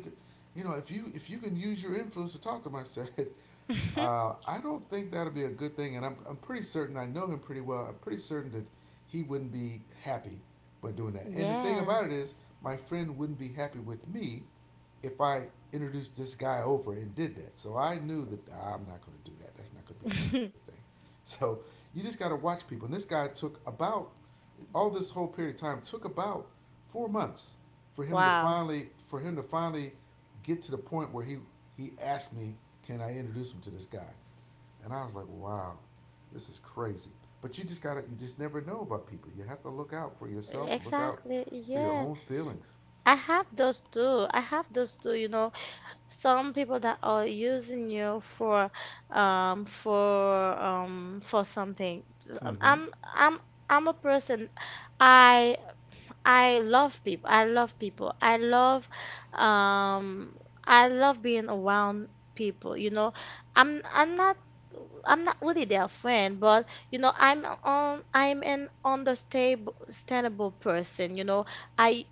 Speaker 1: if you can use your influence to talk to him. I said, I don't think that'll be a good thing, and I'm pretty certain I know him pretty well. I'm pretty certain that he wouldn't be happy by doing that. And the thing
Speaker 2: Yeah.
Speaker 1: about it is, my friend wouldn't be happy with me if I introduced this guy over and did that. So I knew that "Ah, I'm not going to do that. That's not going to be a good thing. So you just got to watch people. And this guy took about all this whole period of time took about 4 months for him to
Speaker 2: Wow.
Speaker 1: finally for him to finally get to the point where he asked me, "Can I introduce him to this guy?" And I was like, "Wow, this is crazy." But you just never know about people. You have to look out for yourself and look out
Speaker 2: Exactly.
Speaker 1: for your
Speaker 2: Yeah.
Speaker 1: own feelings.
Speaker 2: I have those too. I have those too, you know. Some people that are using you for something.
Speaker 1: Mm-hmm.
Speaker 2: I'm I'm I'm a person, I I love people. I love people. I love um, I love being around people, you know. I'm not I'm not really their friend, but you know, I'm an understandable person, you know. I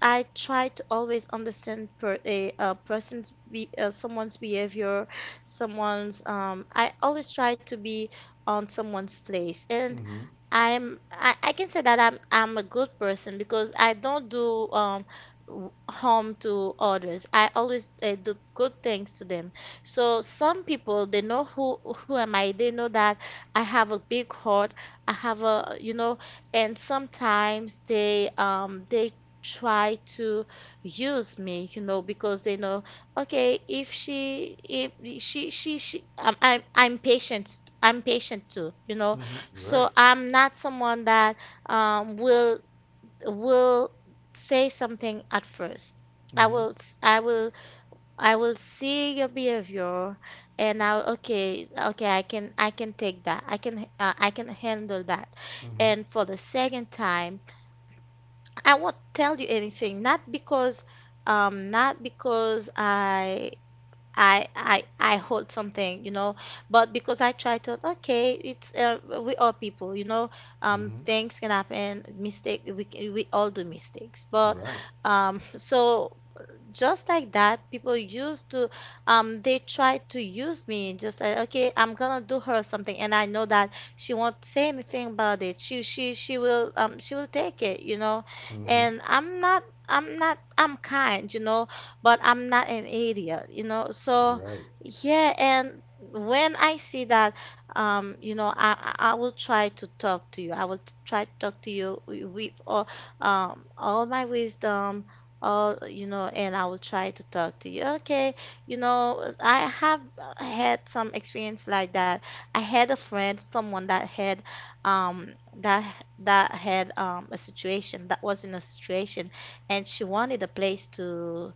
Speaker 2: I try to always understand per a person's be someone's behavior, someone's. I always try to be on someone's place, and
Speaker 1: Mm-hmm.
Speaker 2: I can say that I'm a good person, because I don't do harm to others. I always, do good things to them. So some people, they know who am I. They know that I have a big heart. I have a, you know, and sometimes they try to use me, you know, because they know, okay, if she, if she, I'm patient, I'm patient too, you know.
Speaker 1: Mm-hmm.
Speaker 2: So
Speaker 1: Right.
Speaker 2: I'm not someone that um will, will say something at first. I
Speaker 1: Mm-hmm.
Speaker 2: will, I will see your behavior, and I will, okay, okay, I can, take that. I can, I can handle that.
Speaker 1: Mm-hmm.
Speaker 2: And for the second time, I won't tell you anything, not because um, not because I I hold something, you know, but because I try to, okay, it's we all people, you know,
Speaker 1: Mm-hmm.
Speaker 2: things can happen, mistake, we all do mistakes, but
Speaker 1: Right.
Speaker 2: so just like that, people used to, they tried to use me, just like, okay, I'm gonna do her something, and I know that she won't say anything about it. She will take it, you know.
Speaker 1: Mm-hmm.
Speaker 2: And I'm not, I'm not, I'm kind, you know, but I'm not an idiot, you know. So,
Speaker 1: Right.
Speaker 2: yeah, and when I see that, you know, I will try to talk to you. I will try to talk to you with all my wisdom. Oh, you know, and I will try to talk to you. Okay, you know, I have, had some experience like that. I had a friend, someone that had, um, that that had a situation, that was in a situation, and she wanted a place to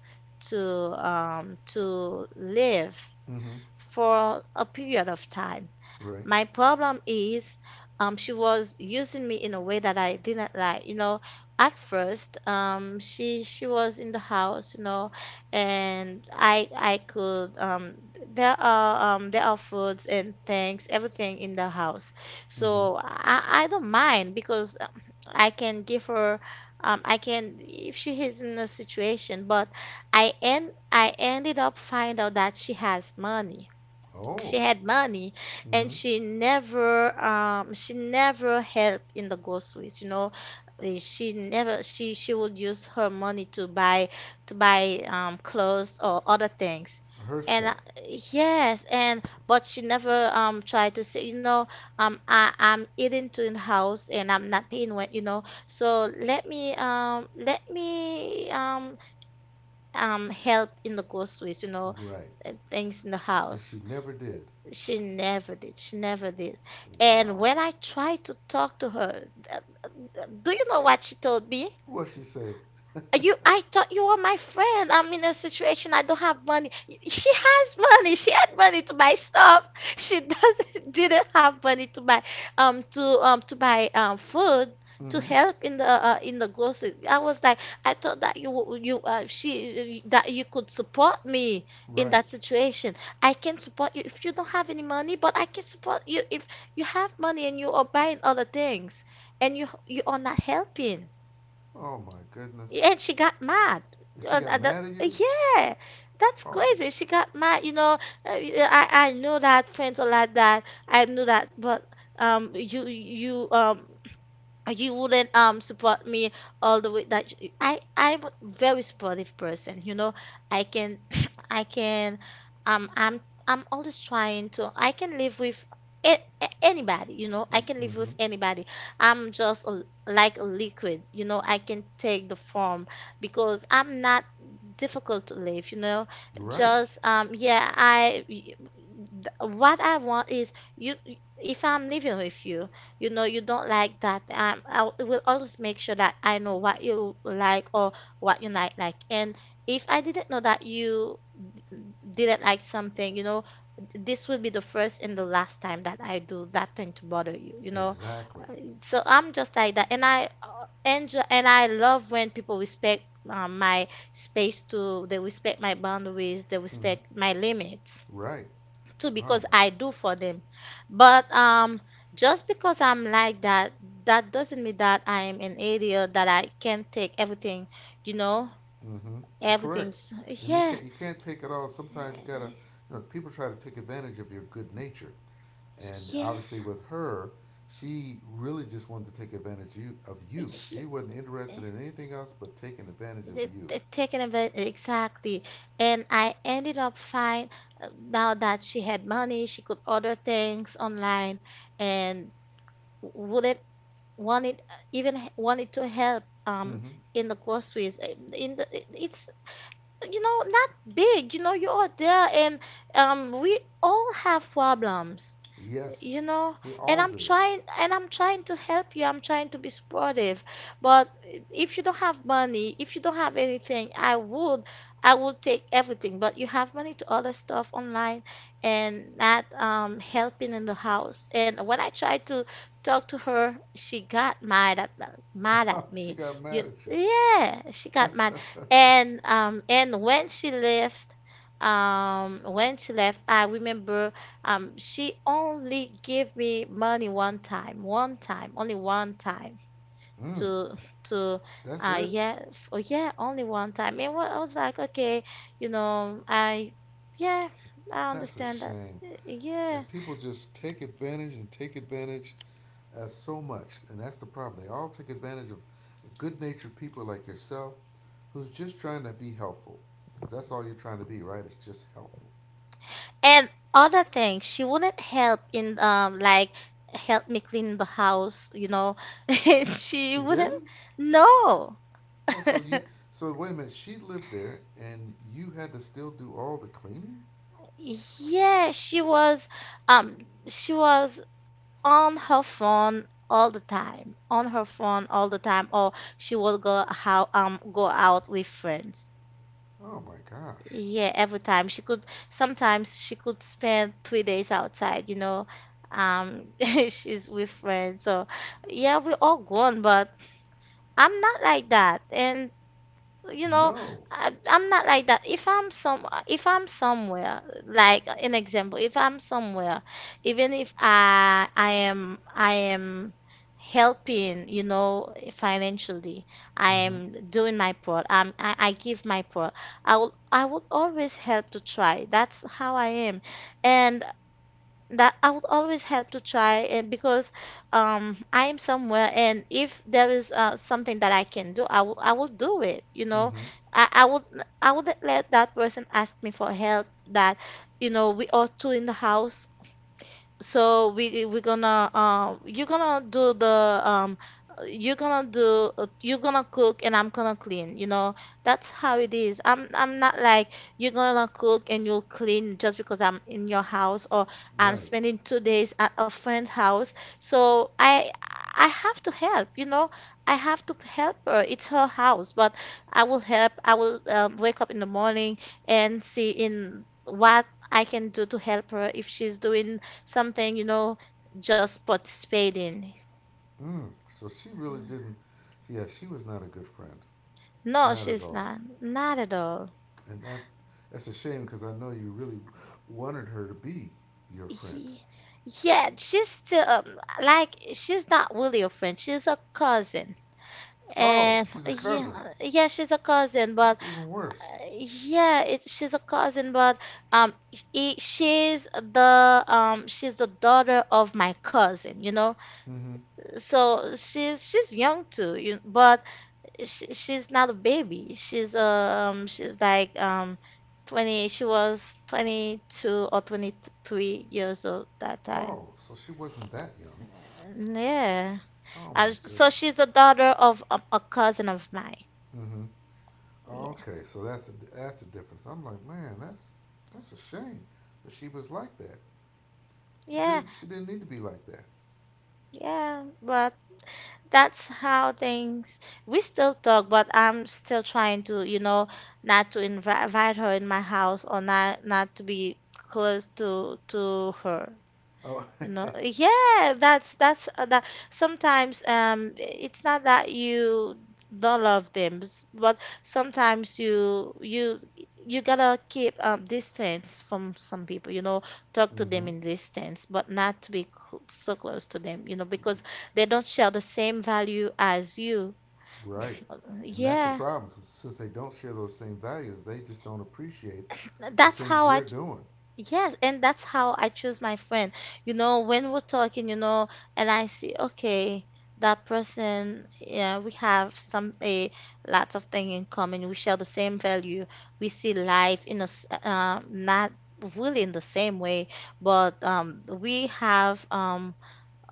Speaker 2: to to live
Speaker 1: Mm-hmm.
Speaker 2: for a period of time.
Speaker 1: Right.
Speaker 2: My problem is, she was using me in a way that I didn't like. You know, at first, she was in the house, you know, and I could there are foods and things, everything in the house,
Speaker 1: Mm-hmm.
Speaker 2: so I don't mind, because I can give her. I can if she is in a situation, but I ended up find out that she has money, she
Speaker 1: Oh.
Speaker 2: had money, and
Speaker 1: Mm-hmm.
Speaker 2: she never um, she never helped in the groceries, you know. Eh, she never, she would use her money to buy, clothes or other things,
Speaker 1: Her
Speaker 2: and
Speaker 1: stuff.
Speaker 2: yes, and but she never tried to say, you know, um, I'm eating to in the house, and I'm not paying rent, you know, so let me um, help in the groceries, you know,
Speaker 1: Right.
Speaker 2: and things in the
Speaker 1: And
Speaker 2: house.
Speaker 1: she never did.
Speaker 2: She never did. She never did. And
Speaker 1: Wow.
Speaker 2: when I tried to talk to her, th- do you know what she told me?
Speaker 1: What she say?
Speaker 2: I thought you were my friend. I'm in a situation, I don't have money. She has money. She had money to buy stuff. She doesn't didn't have money to buy food, to
Speaker 1: Mm-hmm.
Speaker 2: help in the groceries. I was like, I thought that you w- you she that you could support me in
Speaker 1: Right.
Speaker 2: that situation. I can support you if you don't have any money, but I can support you if you have money and you are buying other things and you are not helping.
Speaker 1: Oh my goodness.
Speaker 2: And she got mad.
Speaker 1: And she got mad at you?
Speaker 2: Yeah, that's
Speaker 1: Oh my.
Speaker 2: crazy. She got mad. You know, I know that friends are like that. I know that, but um, you you um you wouldn't support me all the way that I I'm a very supportive person. I can I can um I'm I'm always trying to. I can live with anybody, you know, I can live
Speaker 1: Mm-hmm.
Speaker 2: with anybody. I'm just like a liquid, you know, I can take the form because I'm not difficult to live, you know.
Speaker 1: Right.
Speaker 2: Just yeah I y- y- th- What I want is, you if I'm living with you, you know, you don't like that, will always make sure that I know what you like or what you not like. And if I didn't know that you didn't like something, you know, this will be the first and the last time that I do that thing to bother you, you know.
Speaker 1: Exactly.
Speaker 2: So I'm just like that, and I enjoy and I love when people respect my space too, they respect my boundaries, they
Speaker 1: Mm-hmm.
Speaker 2: respect my limits
Speaker 1: Right.
Speaker 2: too,
Speaker 1: Oh
Speaker 2: because
Speaker 1: my.
Speaker 2: I do for them. But just because I'm like that, that doesn't mean that I'm an idiot, that I can't take everything, you know,
Speaker 1: Mm-hmm. You're correct,
Speaker 2: everything's,
Speaker 1: and you
Speaker 2: yeah,
Speaker 1: can't you can't take it all. Sometimes you gotta, people try to take advantage of your good nature, and
Speaker 2: yeah,
Speaker 1: obviously with her, she really just wanted to take advantage of you.
Speaker 2: yeah.
Speaker 1: She wasn't interested in anything else but taking advantage of you.
Speaker 2: Exactly. And I ended up fine. Now that she had money, she could order things online and wouldn't want it, even wanted to help
Speaker 1: Mm-hmm.
Speaker 2: in the groceries. In it's, you know, not big. You know, you are there, and we all have problems,
Speaker 1: Yes,
Speaker 2: you know.
Speaker 1: we
Speaker 2: and
Speaker 1: all
Speaker 2: i'm
Speaker 1: do.
Speaker 2: trying and I'm trying to help you, I'm trying to be supportive. But if you don't have money, if you don't have anything, I would, I would take everything. But you have money to order stuff online and not helping in the house. And when I tried to talk to her, she got mad at
Speaker 1: She
Speaker 2: me
Speaker 1: got
Speaker 2: you
Speaker 1: mad at you.
Speaker 2: Yeah, she got mad. And when she left, when she left, I remember, she only gave me money one time, only one time
Speaker 1: Mm,
Speaker 2: to to
Speaker 1: that's it.
Speaker 2: oh, yeah, only one time. And I was like, okay, you know, yeah, I
Speaker 1: That's a
Speaker 2: understand that.
Speaker 1: shame.
Speaker 2: Yeah.
Speaker 1: And people just take advantage and take advantage as so much, and that's the problem. They all take advantage of good natured people like yourself who's just trying to be helpful. Because that's all you're trying to be, right? It's just helpful.
Speaker 2: And other thing, she wouldn't help in, like, help me clean the house, you know. She
Speaker 1: She
Speaker 2: wouldn't.
Speaker 1: didn't?
Speaker 2: No.
Speaker 1: Oh, so you. So wait a minute. She lived there, and you had to still do all the cleaning?
Speaker 2: Yeah, she was um she was on her phone all the time, on her phone all the time, or she would go out with friends.
Speaker 1: Oh my gosh.
Speaker 2: Yeah, every time she could. Sometimes she could spend 3 days outside. You know, um, she's with friends. So yeah, we're all gone, but I'm not like that. And you know,
Speaker 1: No.
Speaker 2: I, I'm not like that. If I'm some if I'm somewhere, like, an example, if I'm somewhere, even if I am helping, you know, financially, I
Speaker 1: Mm-hmm.
Speaker 2: am doing my part. I give my part. I will, I will always help to try. That's how I am. And that I would always help to try. And because I am somewhere, and if there is something that I can do, I will do it. You know,
Speaker 1: Mm-hmm.
Speaker 2: I would, I would let that person ask me for help. That You know, we are two in the house, so we we're gonna you're gonna do the… You're gonna do you're gonna cook, and I'm gonna clean, you know. That's how it is. I'm not like, you're gonna cook and you'll clean just because I'm in your house, or I'm
Speaker 1: Right.
Speaker 2: spending 2 days at a friend's house. So I have to help, you know. I have to help her. It's her house, but I will help. I will wake up in the morning and see in what I can do to help her, if she's doing something, you know, just participating.
Speaker 1: Mm. So she really didn't. Yeah, she was not a good friend.
Speaker 2: No,
Speaker 1: Not at
Speaker 2: she's
Speaker 1: all.
Speaker 2: not. Not at all.
Speaker 1: And that's a shame because I know you really wanted her to be your friend.
Speaker 2: Ye- Yeah, she's still like, she's not really a friend. She's a cousin.
Speaker 1: Oh,
Speaker 2: And
Speaker 1: she's a cousin.
Speaker 2: yeah, yeah, she's a cousin, but
Speaker 1: That's even worse.
Speaker 2: uh, yeah, she's a cousin, but um, she's the daughter of my cousin, you know.
Speaker 1: Mm-hmm.
Speaker 2: So she's young too, you, but she's not a baby. She's 20. She was 22 or 23 years old that time.
Speaker 1: Oh, so she wasn't that young.
Speaker 2: Yeah.
Speaker 1: Oh my
Speaker 2: And so she's
Speaker 1: goodness.
Speaker 2: the daughter of a cousin of mine.
Speaker 1: Mm-hmm.
Speaker 2: Yeah.
Speaker 1: Okay, so that's a difference. I'm like, man, that's a shame that she was like that.
Speaker 2: Yeah.
Speaker 1: Didn't she didn't need to be like that?
Speaker 2: Yeah. But that's how things. We still talk, but I'm still trying to, you know, not to invite her in my house, or not, not to be close to her.
Speaker 1: Oh,
Speaker 2: You know, yeah, that's that. Sometimes it's not that you don't love them, but sometimes you you gotta keep distance from some people. You know, talk to them
Speaker 1: Mm-hmm.
Speaker 2: in distance, but not to be cl so close to them. You know, because they don't share the same value as you.
Speaker 1: Right.
Speaker 2: Uh,
Speaker 1: And that's the
Speaker 2: Yeah,
Speaker 1: problem because since they don't share those same values, they just don't appreciate the
Speaker 2: that's
Speaker 1: things
Speaker 2: how I...
Speaker 1: you're doing.
Speaker 2: Yes, and that's how I choose my friend. You know, when we're talking, you know, and I see, okay, that person, yeah, we have some a lots of thing in common. We share the same value. We see life in not really in the same way, but we have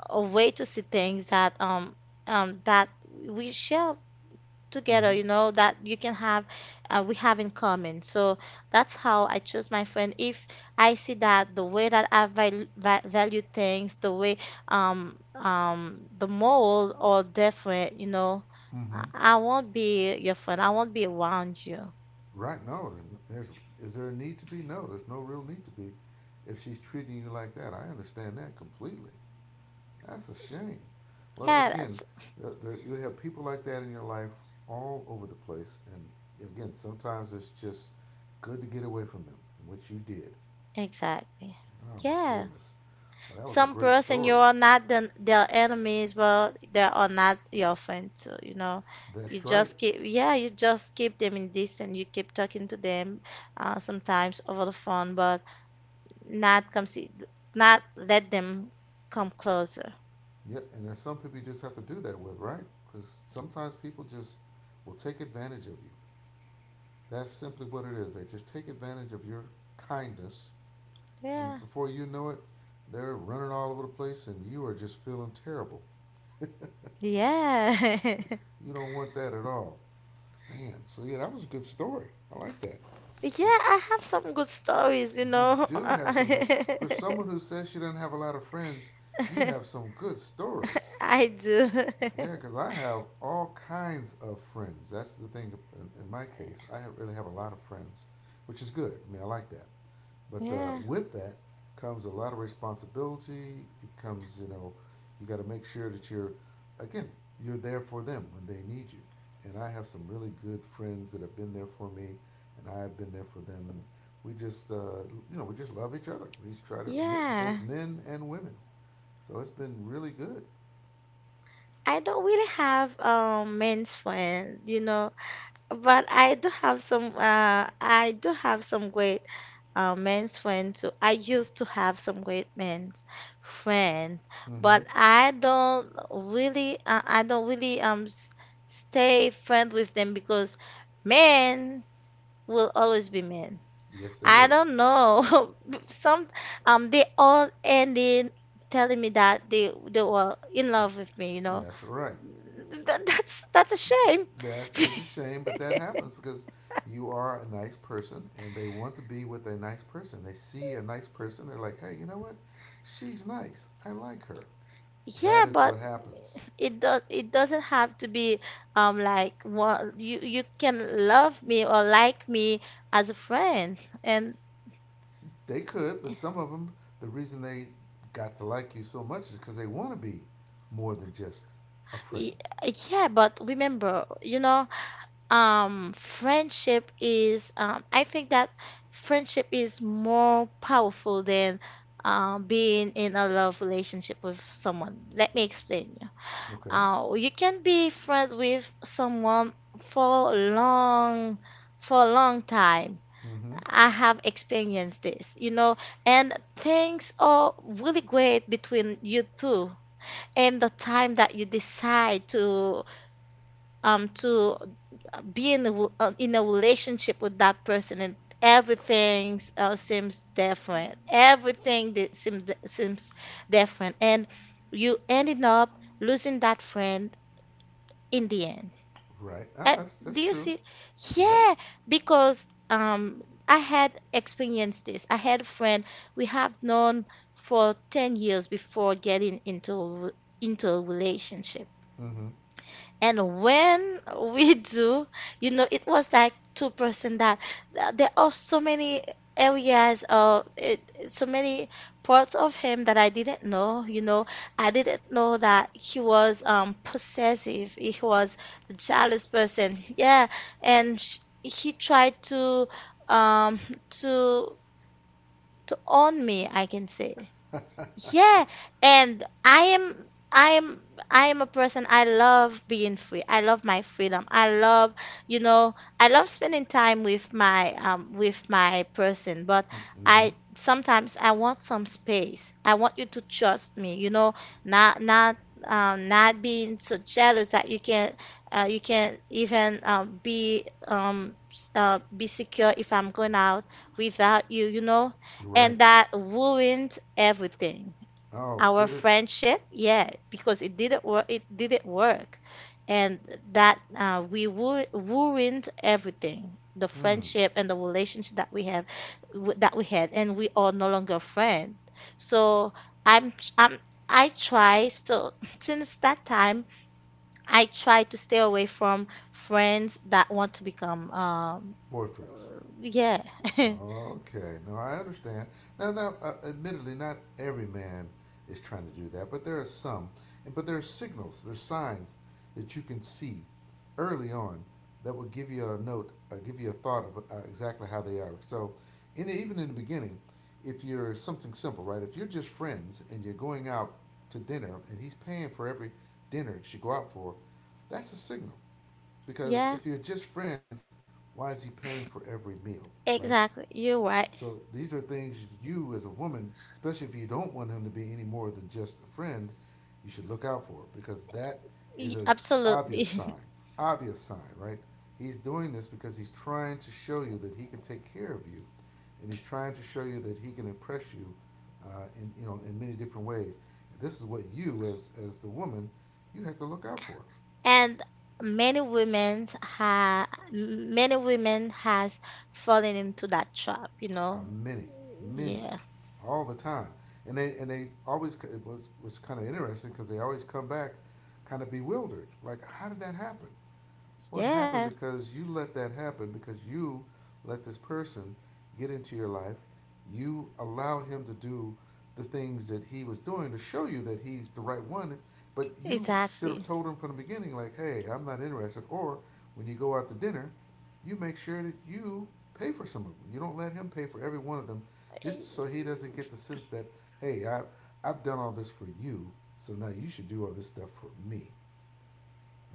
Speaker 2: a way to see things that that we share together,
Speaker 1: Mm-hmm.
Speaker 2: you know, that you can have, we have in common. So that's how I choose my friend. If I see that the way that I value things, the way the mold or different, you know,
Speaker 1: Mm-hmm.
Speaker 2: I won't be your friend. I won't be around you.
Speaker 1: Right? No. There's, is there a need to be? No. There's no real need to be. If she's treating you like that, I understand that completely. That's a shame. Well,
Speaker 2: Yeah,
Speaker 1: again,
Speaker 2: that's
Speaker 1: you have people like that in your life all over the place, and again, sometimes it's just good to get away from them, which you did.
Speaker 2: exactly.
Speaker 1: Oh my
Speaker 2: Yeah.
Speaker 1: goodness. Well, that was a
Speaker 2: Some
Speaker 1: great
Speaker 2: person you
Speaker 1: story.
Speaker 2: are not their enemies, but they are not your friends, so you know, you
Speaker 1: That's right.
Speaker 2: just keep, yeah, you just keep them in distance, you keep talking to them, sometimes over the phone, but not come see, not let them come closer.
Speaker 1: Yep. And there's some people you just have to do that with, right? Because sometimes people just will take advantage of you. That's simply what it is. They just take advantage of your kindness, and
Speaker 2: Yeah,
Speaker 1: before you know it, they're running all over the place, and you are just feeling terrible.
Speaker 2: yeah. Yeah,
Speaker 1: You don't want that at all, man. So yeah, that was a good story. I like that.
Speaker 2: I have some good stories, you
Speaker 1: You
Speaker 2: know.
Speaker 1: do have some good. For someone who says she doesn't have a lot of friends, you have some good stories.
Speaker 2: I do.
Speaker 1: Yeah, because I have all kinds of friends. That's the thing. In my case, I really have a lot of friends, which is good. I mean, I like that. But
Speaker 2: Yeah,
Speaker 1: with that comes a lot of responsibility. It comes, you got to make sure that you're, again, you're there for them when they need you. And I have some really good friends that have been there for me, and I have been there for them. And we just, uh, we just love each other. We try to, both
Speaker 2: yeah,
Speaker 1: men and women. So it's been really good.
Speaker 2: I don't really have men's friend, you know. But I do have some, I do have some great men's friends too. I used to have some great men's friend, but
Speaker 1: Mm-hmm.
Speaker 2: I don't really stay friend with them because men will always be men.
Speaker 1: Yes, they
Speaker 2: I
Speaker 1: will.
Speaker 2: don't know. Some they all ended telling me that they were in love with me, you know.
Speaker 1: That's right.
Speaker 2: That's a shame.
Speaker 1: That is a shame, but that happens because you are a nice person and they want to be with a nice person. They see a nice person, they're like, hey, you know what? She's nice. I like her. That
Speaker 2: Yeah,
Speaker 1: is
Speaker 2: but
Speaker 1: what happens.
Speaker 2: it does, it doesn't have to be like what, you can love me or like me as a friend. And
Speaker 1: They could, but some of them, the reason they got to like you so much is because they want to be more than just a friend.
Speaker 2: y- yeah, but remember, you know, friendship is, I think that friendship is more powerful than being in a love relationship with someone. Let me explain you.
Speaker 1: Okay.
Speaker 2: You can be friends with someone for long for a long time.
Speaker 1: Mm hmm.
Speaker 2: I have experienced this, you know, and things are really great between you two. And the time that you decide to um to be in in a relationship with that person, and everything seems different. Everything that seems different, and you ended up losing that friend in the end.
Speaker 1: Right.
Speaker 2: Uh,
Speaker 1: Ah, that's
Speaker 2: do you
Speaker 1: true.
Speaker 2: see?
Speaker 1: Yeah.
Speaker 2: Yeah, because I had experienced this. I had a friend we have known for 10 years before getting into into a relationship.
Speaker 1: Mm hmm.
Speaker 2: And when we do, you know, it was like 2% that there are so many areas of so many parts of him that I didn't know. You know, I didn't know that he was possessive, he was a jealous person. Yeah, and sh he tried to um to to own me, I can say. Yeah, and I am a person, I love being free. I love my freedom. I love, you know, I love spending time with my person, but
Speaker 1: Mm hmm.
Speaker 2: I sometimes I want some space. I want you to trust me, you know, not not being so jealous that you can't even be secure if I'm going out without you, you know.
Speaker 1: Right.
Speaker 2: And that ruined everything,
Speaker 1: Oh,
Speaker 2: our
Speaker 1: did it?
Speaker 2: friendship. Yeah, because it didn't work, it didn't work. And ruined everything, the
Speaker 1: Mm.
Speaker 2: friendship and the relationship that we that we had, and we are no longer friends. So i'm i'm I try so since that time I try to stay away from friends that want to become,
Speaker 1: Boyfriends.
Speaker 2: yeah.
Speaker 1: Okay, no, I understand. Now, admittedly, not every man is trying to do that, but there are some, and but there are signals, there's signs that you can see early on that will give you give you a thought of exactly how they are. So, even in the beginning, if you're something simple, right? If you're just friends and you're going out to dinner, and he's paying for every dinner that you go out for, that's a signal. Because
Speaker 2: Yeah,
Speaker 1: if you're just friends, why is he paying for every meal, right?
Speaker 2: exactly, you're right.
Speaker 1: So these are things you, as a woman, especially if you don't want him to be any more than just a friend, you should look out for because that is an obvious
Speaker 2: Absolutely.
Speaker 1: sign. Obvious sign, right? He's doing this because he's trying to show you that he can take care of you, and he's trying to show you that he can impress you, in many different ways. And this is what you, as the woman, you have to look out for.
Speaker 2: And many women ha many women has fallen into that trap, you
Speaker 1: Are
Speaker 2: know.
Speaker 1: many, many,
Speaker 2: Yeah,
Speaker 1: all the time, and they always it was kind of interesting because they always come back kind of bewildered, like how did that happen? What
Speaker 2: yeah,
Speaker 1: happened because you let that happen because you let this person get into your life. You allowed him to do the things that he was doing to show you that he's the right one. But you should
Speaker 2: exactly.
Speaker 1: have told him from the beginning, like, hey, I'm not interested. Or when you go out to dinner, you make sure that you pay for some of them. You don't let him pay for every one of them just so he doesn't get the sense that, hey, I've done all this for you, so now you should do all this stuff for me.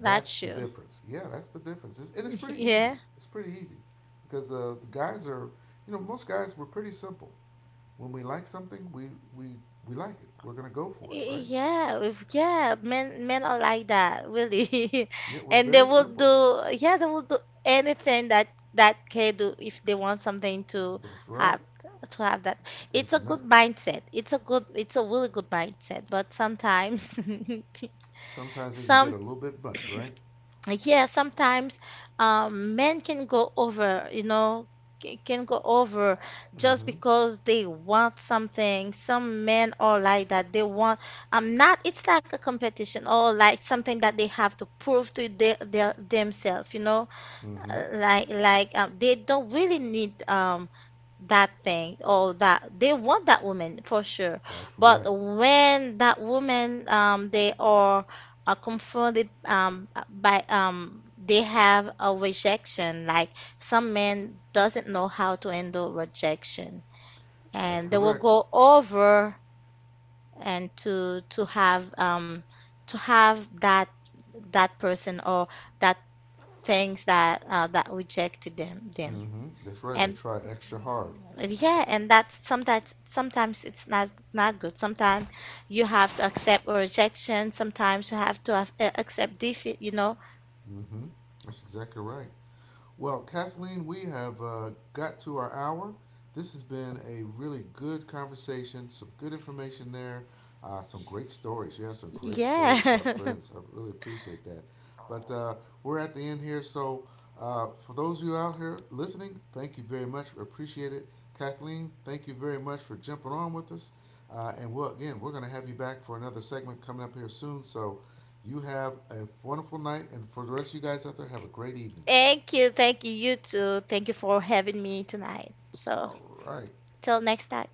Speaker 1: That's the
Speaker 2: you.
Speaker 1: difference. Yeah, that's the difference. And it's pretty easy.
Speaker 2: Yeah,
Speaker 1: It's pretty easy because the guys are, you know, most guys were pretty simple. When we like something, we we like it. We're gonna go for it, right?
Speaker 2: yeah, yeah. Men, men are like that, really.
Speaker 1: Yeah, we're
Speaker 2: And
Speaker 1: very
Speaker 2: they will
Speaker 1: simple.
Speaker 2: do. Yeah, they will do anything that that can do if they want something to
Speaker 1: That's right.
Speaker 2: have, to have that.
Speaker 1: There's
Speaker 2: It's a good
Speaker 1: nothing.
Speaker 2: mindset. It's a good. It's a really good mindset. But sometimes,
Speaker 1: Sometimes it can get a
Speaker 2: some.
Speaker 1: little bit much, right?
Speaker 2: Like, yeah, sometimes men can go over, you know, can go over just
Speaker 1: Mm-hmm.
Speaker 2: because they want something. Some men are like that. They want, not, it's like a competition or like something that they have to prove to their themselves, you know.
Speaker 1: Mm-hmm.
Speaker 2: Like they don't really need that thing, or that they want that woman for sure.
Speaker 1: That's
Speaker 2: But
Speaker 1: right.
Speaker 2: when that woman, they are confronted, by they have a rejection, like, some men doesn't know how to handle rejection,
Speaker 1: That's
Speaker 2: and they will
Speaker 1: correct.
Speaker 2: go over and to have, to have that that person or that things that that rejected them.
Speaker 1: Mm-hmm. That's right. They
Speaker 2: And
Speaker 1: try extra hard.
Speaker 2: yeah, and that's sometimes, sometimes it's not not good. Sometimes you have to accept rejection. Sometimes you have to have, accept defeat, you know.
Speaker 1: Mm-hmm. That's exactly right. Well, Kathleen, we have got to our hour. This has been a really good conversation, some good information there, some great stories. You have some great stories about
Speaker 2: Yeah.
Speaker 1: friends. I really appreciate that. But we're at the end here. So, for those of you out here listening, thank you very much. We appreciate it. Kathleen, thank you very much for jumping on with us. And again, we're going to have you back for another segment coming up here soon. So, you have a wonderful night. And for the rest of you guys out there, have a great evening.
Speaker 2: Thank you. Thank you. You too. Thank you for having me tonight. So,
Speaker 1: All right.
Speaker 2: till next time.